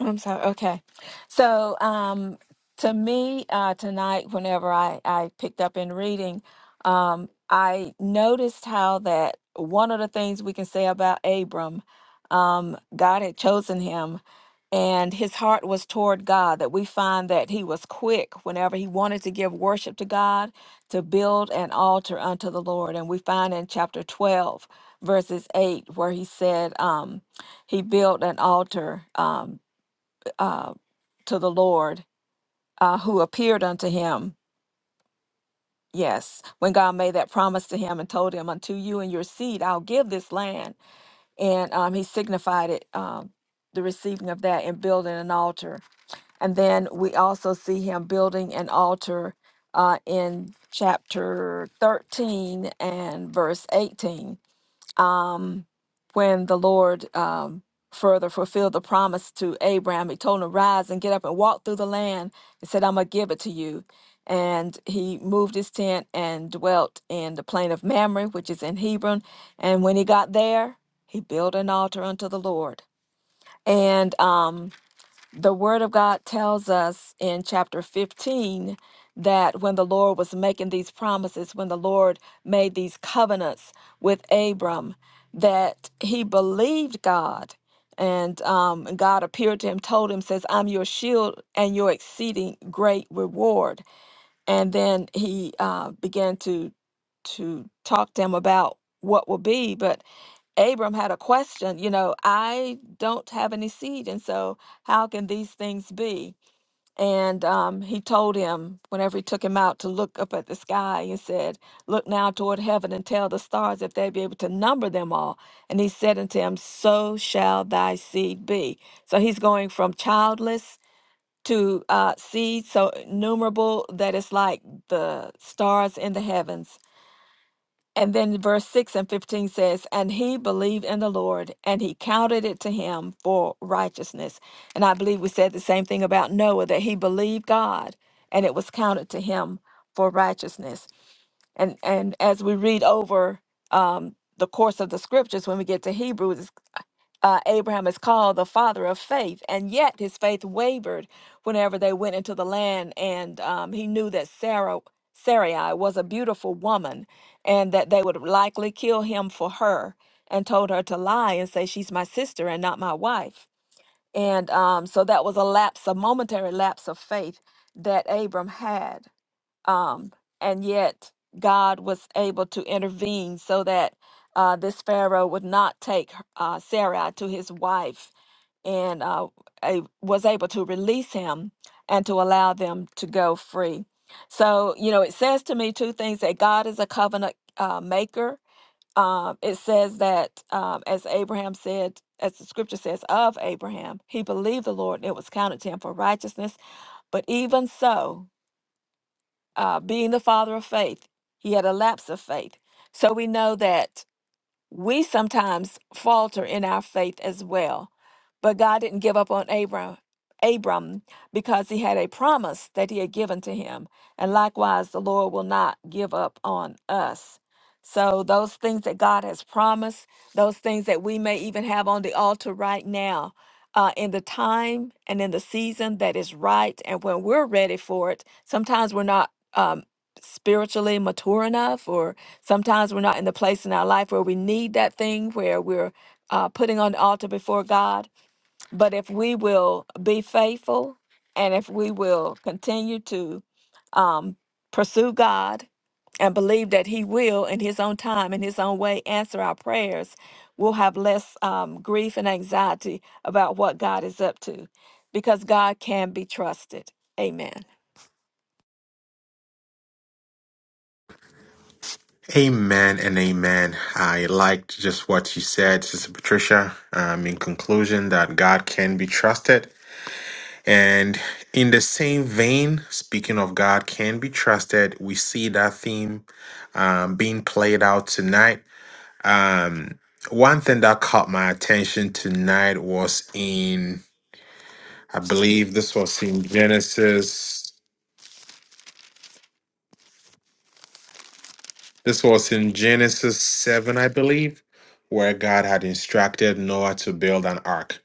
Speaker 4: I'm sorry. Okay. So, um, to me, uh, tonight, whenever I, I picked up in reading, um, I noticed how that one of the things we can say about Abram, um, God had chosen him and his heart was toward God, that we find that he was quick whenever he wanted to give worship to God to build an altar unto the Lord. And we find in chapter 12, verses 8, where he said, um, he built an altar. um, uh, to the Lord, uh, who appeared unto him. Yes, when God made that promise to him and told him, Unto you and your seed, I'll give this land. And um, he signified it, um, the receiving of that, and building an altar. And then we also see him building an altar uh, in chapter 13 and verse 18 um, when the Lord um, further fulfilled the promise to Abraham. He told him to rise and get up and walk through the land. He said, I'm going to give it to you. And he moved his tent and dwelt in the plain of Mamre, which is in Hebron. And when he got there, he built an altar unto the Lord. And um, the word of God tells us in chapter 15 that when the Lord was making these promises, when the Lord made these covenants with Abram, that he believed God. And um, God appeared to him, told him, says, I'm your shield and your exceeding great reward. And then he uh, began to to talk to him about what will be. But Abram had a question, you know, I don't have any seed, and so how can these things be? And um, he told him, whenever he took him out to look up at the sky, he said, Look now toward heaven and tell the stars if they be able to number them all. And he said unto him, So shall thy seed be. So he's going from childless to uh, seed so innumerable that it's like the stars in the heavens. And then verse 6 and 15 says, And he believed in the Lord, and he counted it to him for righteousness. And I believe we said the same thing about Noah, that he believed God, and it was counted to him for righteousness. And and as we read over um, the course of the scriptures, when we get to Hebrews, uh, Abraham is called the father of faith, and yet his faith wavered whenever they went into the land, and um, he knew that Sarah Sarai was a beautiful woman, and that they would likely kill him for her, and told her to lie and say she's my sister and not my wife, and um, so that was a lapse, a momentary lapse of faith that Abram had um, and yet God was able to intervene so that uh, this Pharaoh would not take her- uh, Sarai to his wife, and uh, a- was able to release him and to allow them to go free. So you know, it says to me two things: that God is a covenant uh, maker. Um, it says that, um, as Abraham said, as the scripture says of Abraham, he believed the Lord, and it was counted to him for righteousness. But even so, uh, being the father of faith. He had a lapse of faith. So we know that we sometimes falter in our faith as well. But God didn't give up on Abram, Abram because he had a promise that he had given to him. And likewise, the Lord will not give up on us. So, those things that God has promised, those things that we may even have on the altar right now, uh, in the time and in the season that is right, and when we're ready for it, sometimes we're not um, spiritually mature enough or Sometimes we're not in the place in our life where we need that thing, where we're uh, putting on the altar before God. But if we will be faithful and if we will continue to um, pursue God and believe that He will, in His own time, in His own way, answer our prayers, we'll have less um, grief and anxiety about what God is up to because God can be trusted. Amen.
Speaker 1: Amen and amen. I liked just what you said, Sister Patricia. Um, in conclusion, that God can be trusted And in the same vein, speaking of God can be trusted, we see that theme um, being played out tonight. Um, one thing that caught my attention tonight was in, I believe this was in Genesis, this was in Genesis 7, I believe, where God had instructed Noah to build an ark.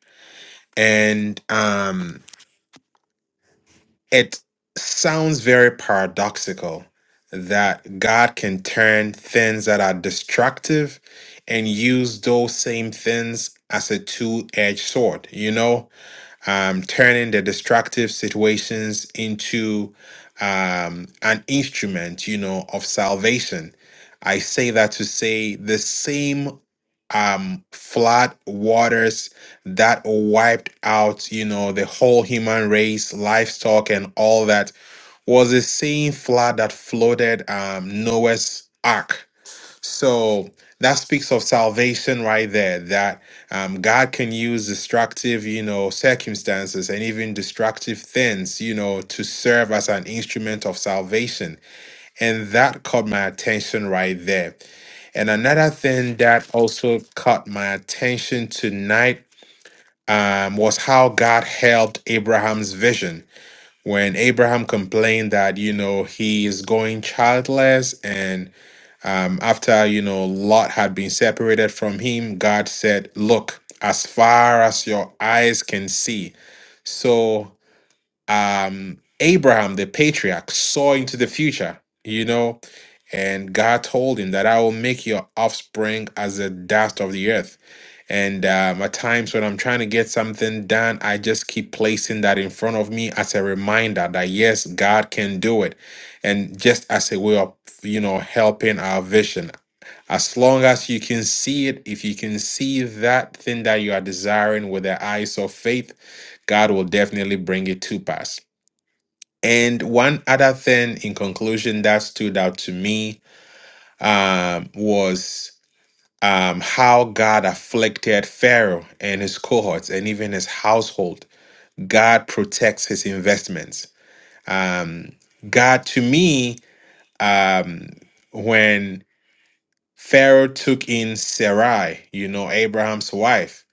Speaker 1: And um, it sounds very paradoxical that God can turn things that are destructive and use those same things as a two edged sword. You know, um, turning the destructive situations into um, an instrument, you know, of salvation. I say that to say the same um, flood waters that wiped out, you know, the whole human race, livestock, and all that was the same flood that flooded um, Noah's ark so that speaks of salvation right there, that um, God can use destructive, you know, circumstances and even destructive things, you know, to serve as an instrument of salvation. And that caught my attention right there. And another thing that also caught my attention tonight um, was how God helped Abraham's vision. When Abraham complained that, you know, he is going childless um, after you know lot had been separated from him god said look as far as your eyes can see so um, abraham the patriarch saw into the future you know and god told him that i will make your offspring as the dust of the earth and um, at times when i'm trying to get something done i just keep placing that in front of me as a reminder that yes god can do it and just as a way of you know helping our vision as long as you can see it, if you can see that thing that you are desiring with the eyes of faith, God will definitely bring it to pass. And one other thing in conclusion that stood out to me um, was um, how God afflicted Pharaoh and his cohorts and even his household. God protects his investments. Um, God, to me, um, when Pharaoh took in Sarai, you know, Abraham's wife.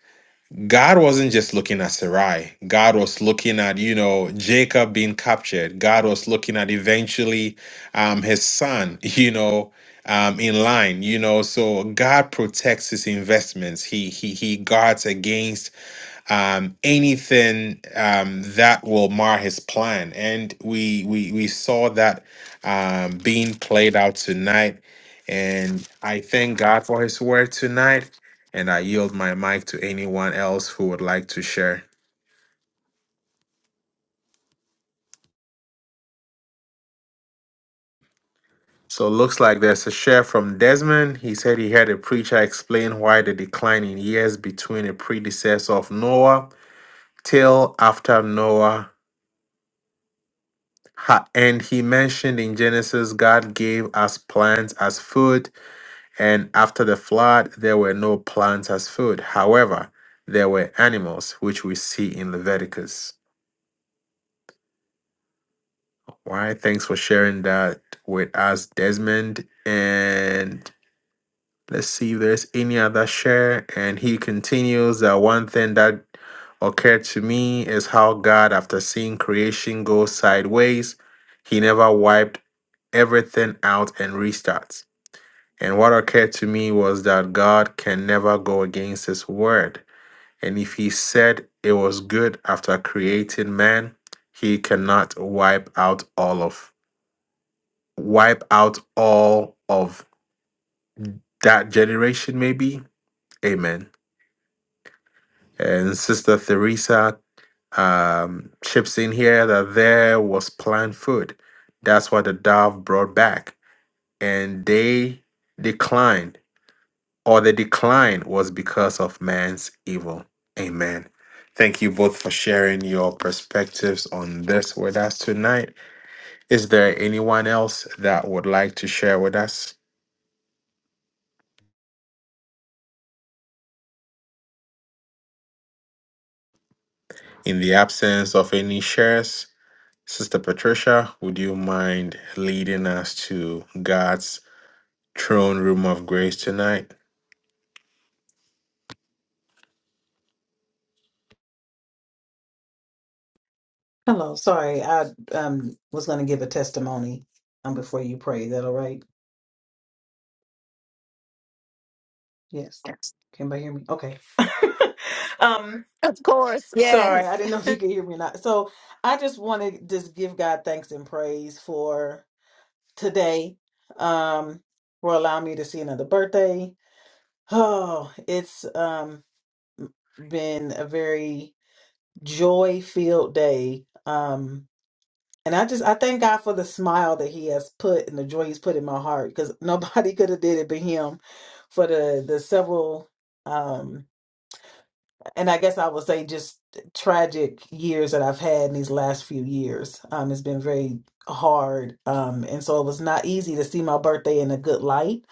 Speaker 1: God wasn't just looking at Sarai. God was looking at, you know, Jacob being captured. God was looking at eventually um, his son, *laughs* you know, um, in line, you know. So God protects his investments. He he he guards against um, anything um, that will mar his plan. And we we we saw that um, being played out tonight. And I thank God for His word tonight. And I yield my mic to anyone else who would like to share. So it looks like there's a share from Desmond. He said he heard a preacher explain why the decline in years between a predecessor of Noah till after Noah Ha- And he mentioned in Genesis, God gave us plants as food, and after the flood, there were no plants as food. However, there were animals, which we see in Leviticus. Why? Thanks for sharing that with us, Desmond. And let's see if there's any other share. And he continues that one thing that occurred to me is how God, after seeing creation go sideways, he never wiped everything out and restarts. And what occurred to me was that God can never go against his word. And if he said it was good after creating man, he cannot wipe out all of wipe out all of that generation maybe. Amen. And Sister Theresa um, chips in here that there was planned food. That's what the dove brought back. And they declined or the decline was because of man's evil. Amen. Thank you both for sharing your perspectives on this with us tonight. Is there anyone else that would like to share with us? In the absence of any shares, Sister Patricia, would you mind leading us to God's throne room of grace tonight?
Speaker 2: Hello, sorry. I um was going to give a testimony um before you pray. Is that all right? Yes. Can anybody hear me? Okay. *laughs* um,
Speaker 4: Of course,
Speaker 2: sorry,
Speaker 4: yes.
Speaker 2: I didn't know if you could hear me or not. So I just want to just give God thanks and praise for today. Um, for allowing me to see another birthday. Oh, it's um been a very joy filled day. Um and I just I thank God for the smile that he has put and the joy he's put in my heart because nobody *laughs* could have did it but him for the the several um. and I guess I would say just tragic years that I've had in these last few years. Um, it's been very hard. Um, and so it was not easy to see my birthday in a good light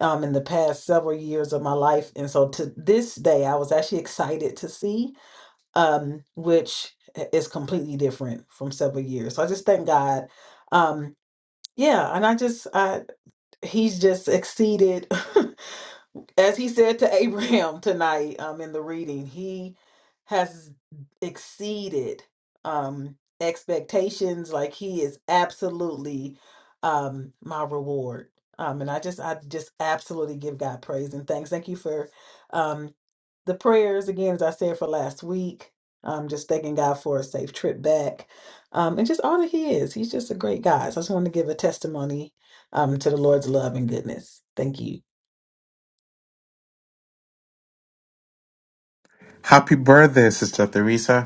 Speaker 2: um, in the past several years of my life. And so to this day, I was actually excited to see, um, which is completely different from several years. So I just thank God. Um, yeah. And I just, I, he's just exceeded *laughs* as he said to *laughs* Abraham tonight um in the reading, he has exceeded um expectations like he is absolutely um my reward. Um and I just I just absolutely give God praise and thanks. Thank you for um the prayers again as I said for last week. Um just thanking God for a safe trip back. Um and just all that he is. He's just a great guy. So I just want to give a testimony um to the Lord's love and goodness. Thank you.
Speaker 1: Happy birthday, Sister Theresa.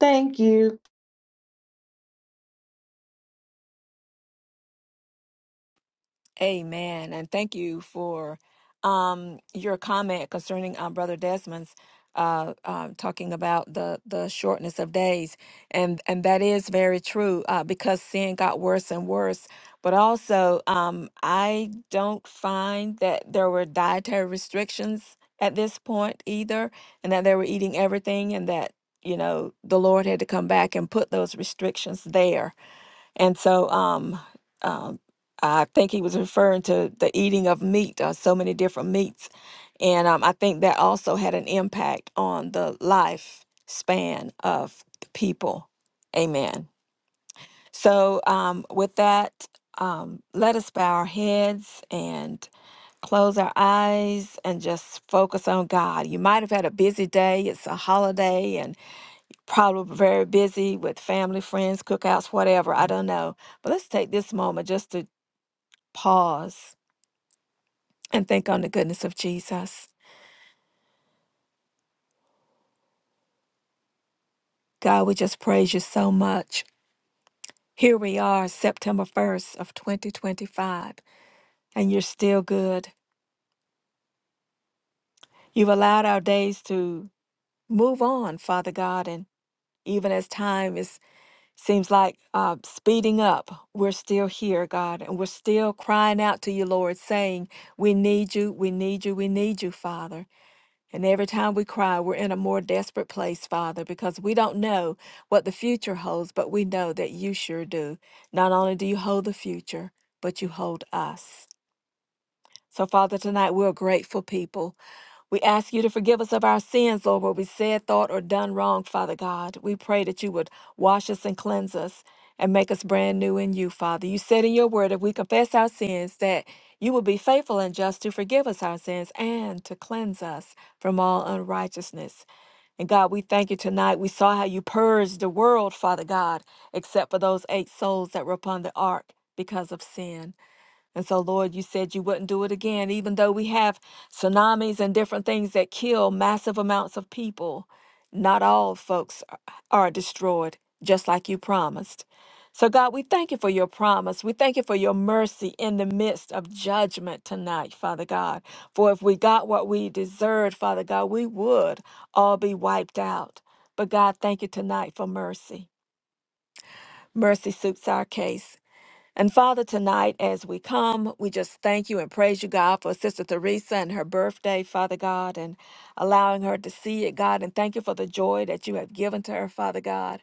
Speaker 2: Thank you.
Speaker 4: Amen. And thank you for um, your comment concerning um, Brother Desmond's uh, um, talking about the, the shortness of days. And, and that is very true uh, because sin got worse and worse. But also, um, I don't find that there were dietary restrictions at this point either, and that they were eating everything, and that, you know, the Lord had to come back and put those restrictions there and so um, um, I think he was referring to the eating of meat, uh, so many different meats. And um, I think that also had an impact on the life span of the people. Amen. So um, with that, um, let us bow our heads and close our eyes and just focus on God. You might have had a busy day. It's a holiday probably very busy with family, friends, cookouts, whatever. I don't know. But let's take this moment just to pause and think on the goodness of Jesus. God, we just praise you so much. Here we are, September 1st of 2025, and you're still good. You've allowed our days to move on, Father God, and even as time is Seems like uh, speeding up. We're still here, God, and we're still crying out to you, Lord, saying, We need you, we need you, we need you, Father. And every time we cry, we're in a more desperate place, Father, because we don't know what the future holds, but we know that you sure do. Not only do you hold the future, but you hold us. So, Father, tonight we're a grateful people. We ask you to forgive us of our sins, Lord, where we said, thought, or done wrong, Father God. We pray that you would wash us and cleanse us and make us brand new in you, Father. You said in your word, if we confess our sins, that you will be faithful and just to forgive us our sins and to cleanse us from all unrighteousness. And God, we thank you tonight. We saw how you purged the world, Father God, except for those eight souls that were upon the ark because of sin. And so, Lord, you said you wouldn't do it again, even though we have tsunamis and different things that kill massive amounts of people. Not all folks are are destroyed, just like you promised. So, God, we thank you for your promise. We thank you for your mercy in the midst of judgment tonight, Father God. For if we got what we deserved, Father God, we would all be wiped out. But, God, thank you tonight for mercy. Mercy suits our case. And Father, tonight as we come, we just thank you and praise you, God, for Sister Teresa and her birthday, Father God, and allowing her to see it, God. And thank you for the joy that you have given to her, Father God.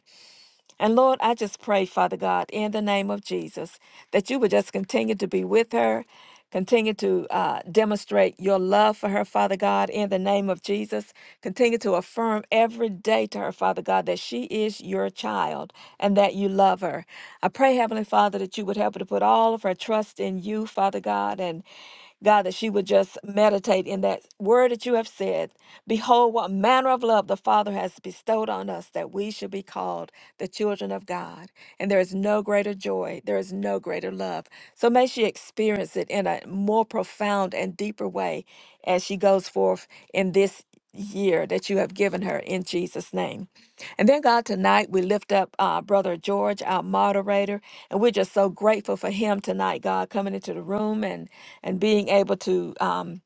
Speaker 4: And Lord, I just pray, Father God, in the name of Jesus, that you would just continue to be with her, continue to uh, demonstrate your love for her, Father God, in the name of Jesus. Continue to affirm every day to her, Father God, that she is your child and that you love her. I pray, Heavenly Father, that you would help her to put all of her trust in you, Father God, and God, that she would just meditate in that word that you have said. Behold, what manner of love the Father has bestowed on us that we should be called the children of God. And there is no greater joy, there is no greater love. So may she experience it in a more profound and deeper way as she goes forth in this year that you have given her in Jesus' name. And then, God, tonight we lift up uh, Brother George, our moderator. And we're just so grateful for him tonight, God, coming into the room and and being able to um,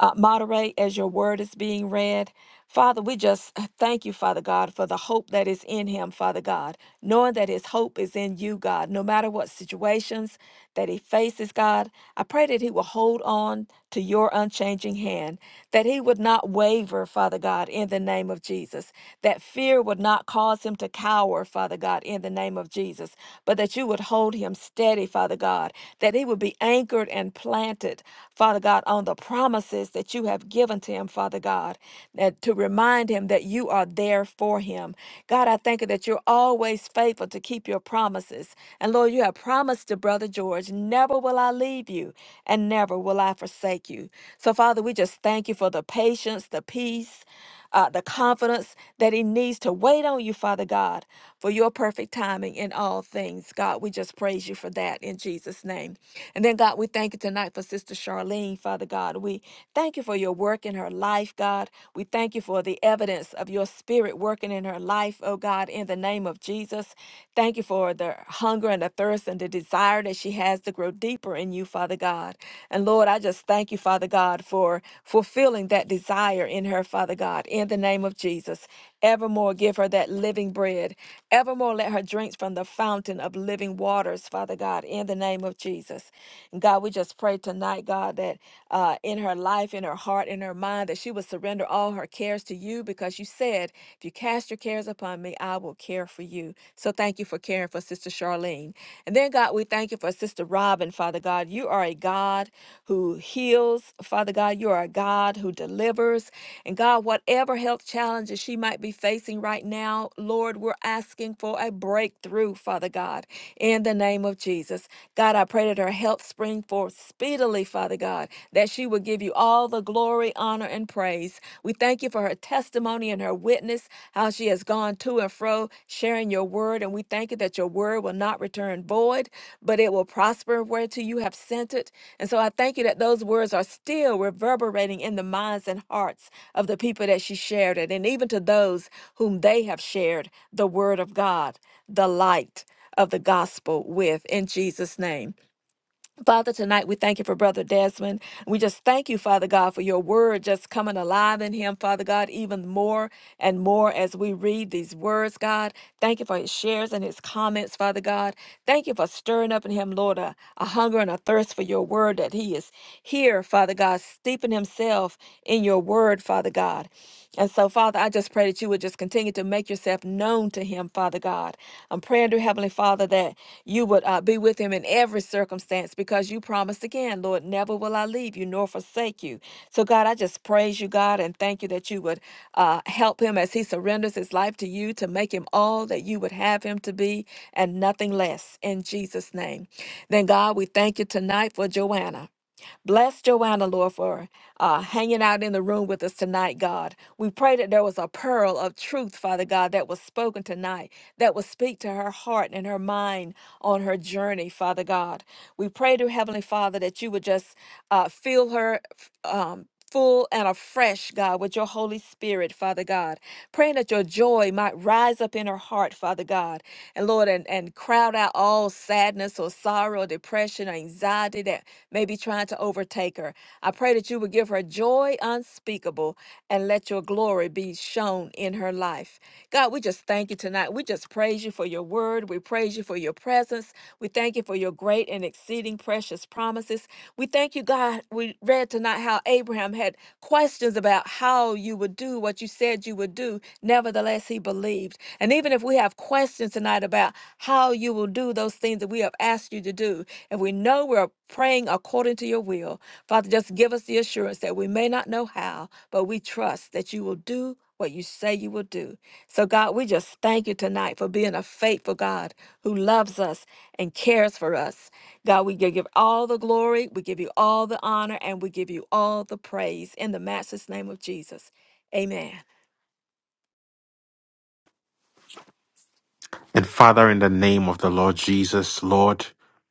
Speaker 4: uh, moderate as your word is being read. Father, we just thank you, Father God, for the hope that is in him, Father God, knowing that his hope is in you, God, no matter what situations that he faces, God. I pray that he will hold on to your unchanging hand, that he would not waver, Father God, in the name of Jesus, that fear would not cause him to cower, Father God, in the name of Jesus, but that you would hold him steady, Father God, that he would be anchored and planted, Father God, on the promises that you have given to him, him, Father God, that to remind him that you are there for him. God, I thank you that you're always faithful to keep your promises. And Lord, you have promised to Brother George, never will I leave you and never will I forsake you. So, Father, we just thank you for the patience, the peace uh, the confidence that He needs to wait on you, Father God, for your perfect timing in all things. God, we just praise you for that in Jesus' name. And then, God, we thank you tonight for Sister Charlene, Father God. We thank you for your work in her life, God. We thank you for the evidence of your spirit working in her life, oh God, in the name of Jesus. Thank you for the hunger and the thirst and the desire that she has to grow deeper in you, Father God. God. And Lord, I just thank you, Father God, for fulfilling that desire in her, Father God, in the name of Jesus. Evermore give her that living bread. Evermore let her drink from the fountain of living waters, Father God, in the name of Jesus. And God, we just pray tonight, God, that uh, in her life, in her heart, in her mind, that she would surrender all her cares to you because you said, if you cast your cares upon me, I will care for you you. So thank you for caring for Sister Charlene. And then, God, we thank you for Sister Robin, Father God. You are a God who heals, Father God. You are a God who delivers. And God, whatever health challenges she might be facing right now, Lord, we're asking for a breakthrough, Father God, in the name of Jesus. God, I pray that her health spring forth speedily, Father God, that she will give you all the glory, honor, and praise. We thank you for her testimony and her witness, how she has gone to and fro sharing your word. And we thank you that your word will not return void, but it will prosper whereto you have sent it. And so I thank you that those words are still reverberating in the minds and hearts of the people that she shared it, and even to those whom they have shared the word of God, the light of the gospel with, in Jesus' name. Father, tonight we thank you for Brother Desmond. We just thank you, Father God, for your word just coming alive in him, Father God, even more and more as we read these words, God. Thank you for his shares and his comments, Father God. Thank you for stirring up in him, Lord, a, a hunger and a thirst for your word that he is here, Father God, steeping himself in your word, Father God. And so, Father, I just pray that you would just continue to make yourself known to him, Father God. I'm praying, dear Heavenly Father, that you would uh, be with him in every circumstance because you promised again, Lord, never will I leave you nor forsake you. So, God, I just praise you, God, and thank you that you would uh, help him as he surrenders his life to you to make him all that you would have him to be and nothing less in Jesus' name. Then, God, we thank you tonight for Joanna. Bless Joanna, Lord, for uh, hanging out in the room with us tonight, God. We pray that there was a pearl of truth, Father God, that was spoken tonight, that will speak to her heart and her mind on her journey, Father God. We pray to Heavenly Father that you would just uh, fill her. f- Um, full and afresh, God, with your Holy Spirit, Father God. Praying that your joy might rise up in her heart, Father God. And Lord, and, and crowd out all sadness or sorrow, or depression, or anxiety that may be trying to overtake her. I pray that you would give her joy unspeakable and let your glory be shown in her life. God, we just thank you tonight. We just praise you for your word. We praise you for your presence. We thank you you for your great and exceeding precious promises. We thank you, God. We read tonight how Abraham had questions about how you would do what you said you would do. Nevertheless, he believed. And even if we have questions tonight about how you will do those things that we have asked you to do, if we know we're praying according to your will, Father, just give us the assurance that we may not know how, but we trust that you will do what you say you will do. So, God, we just thank you tonight for being a faithful God who loves us and cares for us. God, we give all the glory, we give you all the honor, and we give you all the praise in the Master's name of Jesus. Amen.
Speaker 1: And Father, in the name of the Lord Jesus, Lord,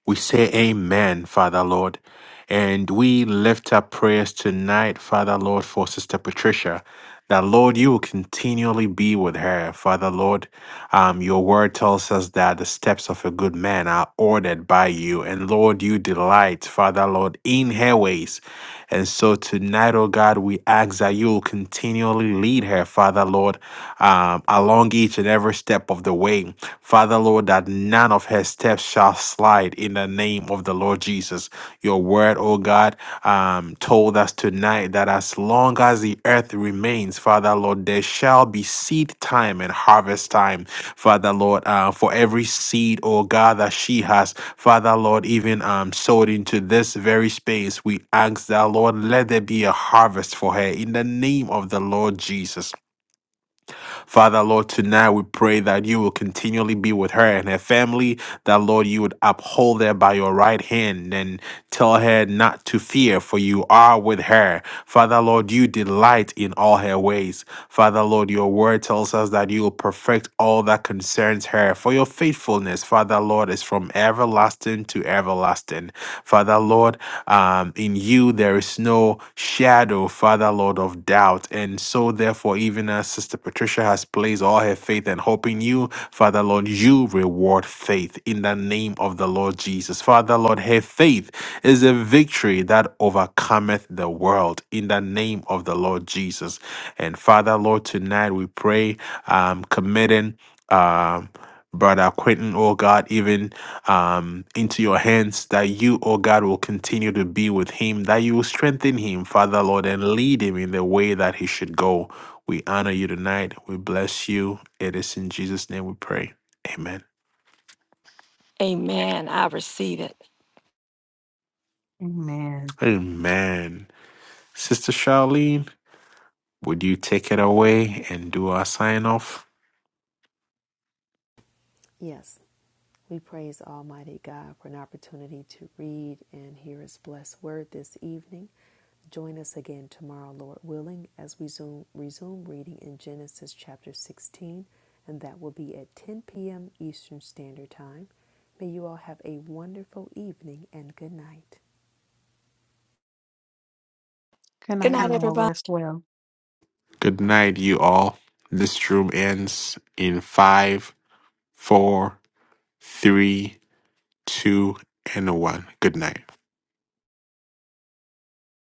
Speaker 1: we say amen, Father, Lord. And we lift up prayers tonight, Father, Lord, for Sister Patricia that Lord, you will continually be with her. Father, Lord, um, your word tells us that the steps of a good man are ordered by you. And Lord, you delight, Father, Lord, in her ways. And so tonight, oh God, we ask that you will continually lead her, Father, Lord, um, along each and every step of the way. Father, Lord, that none of her steps shall slide in the name of the Lord Jesus. Your word, oh God um, told us tonight that as long as the earth remains, Father Lord, there shall be seed time and harvest time, Father Lord, uh, for every seed, oh God, that she has, Father Lord, even um, sowed into this very space. We ask that, Lord, let there be a harvest for her in the name of the Lord Jesus. Father, Lord, tonight we pray that you will continually be with her and her family, that, Lord, you would uphold her by your right hand and tell her not to fear, for you are with her. Father, Lord, you delight in all her ways. Father, Lord, your word tells us that you will perfect all that concerns her, for your faithfulness faithfulness, Father Lord, is from everlasting to everlasting. Father Lord, um, in you there is no shadow, Father Lord, of doubt. And so, therefore, even as Sister Patricia has placed all her faith and hope in you, Father Lord, you reward faith in the name of the Lord Jesus. Father Lord, her faith is a victory that overcometh the world in the name of the Lord Jesus. And Father Lord, tonight we pray, um, committing. Um, brother Quentin, oh God, even um, into your hands, that you, oh God, will continue to be with him, that you will strengthen him, Father Lord, and lead him in the way that he should go. We honor you tonight. We bless you. It is in Jesus' name we pray. Amen.
Speaker 4: Amen. I receive it.
Speaker 2: Amen.
Speaker 1: Amen. Sister Charlene, would you take it away and do our sign off?
Speaker 3: Yes, we praise Almighty God for an opportunity to read and hear His blessed word this evening. Join us again tomorrow, Lord willing, as we zoom, resume reading in Genesis chapter 16, and that will be at 10 p.m. Eastern Standard Time. May you all have a wonderful evening and good night.
Speaker 2: Good
Speaker 4: Good
Speaker 2: night,
Speaker 4: night,
Speaker 2: you all.
Speaker 4: everybody.
Speaker 2: Rest well.
Speaker 1: Good night, you all. This room ends in five, four, three, two, and one. Good night.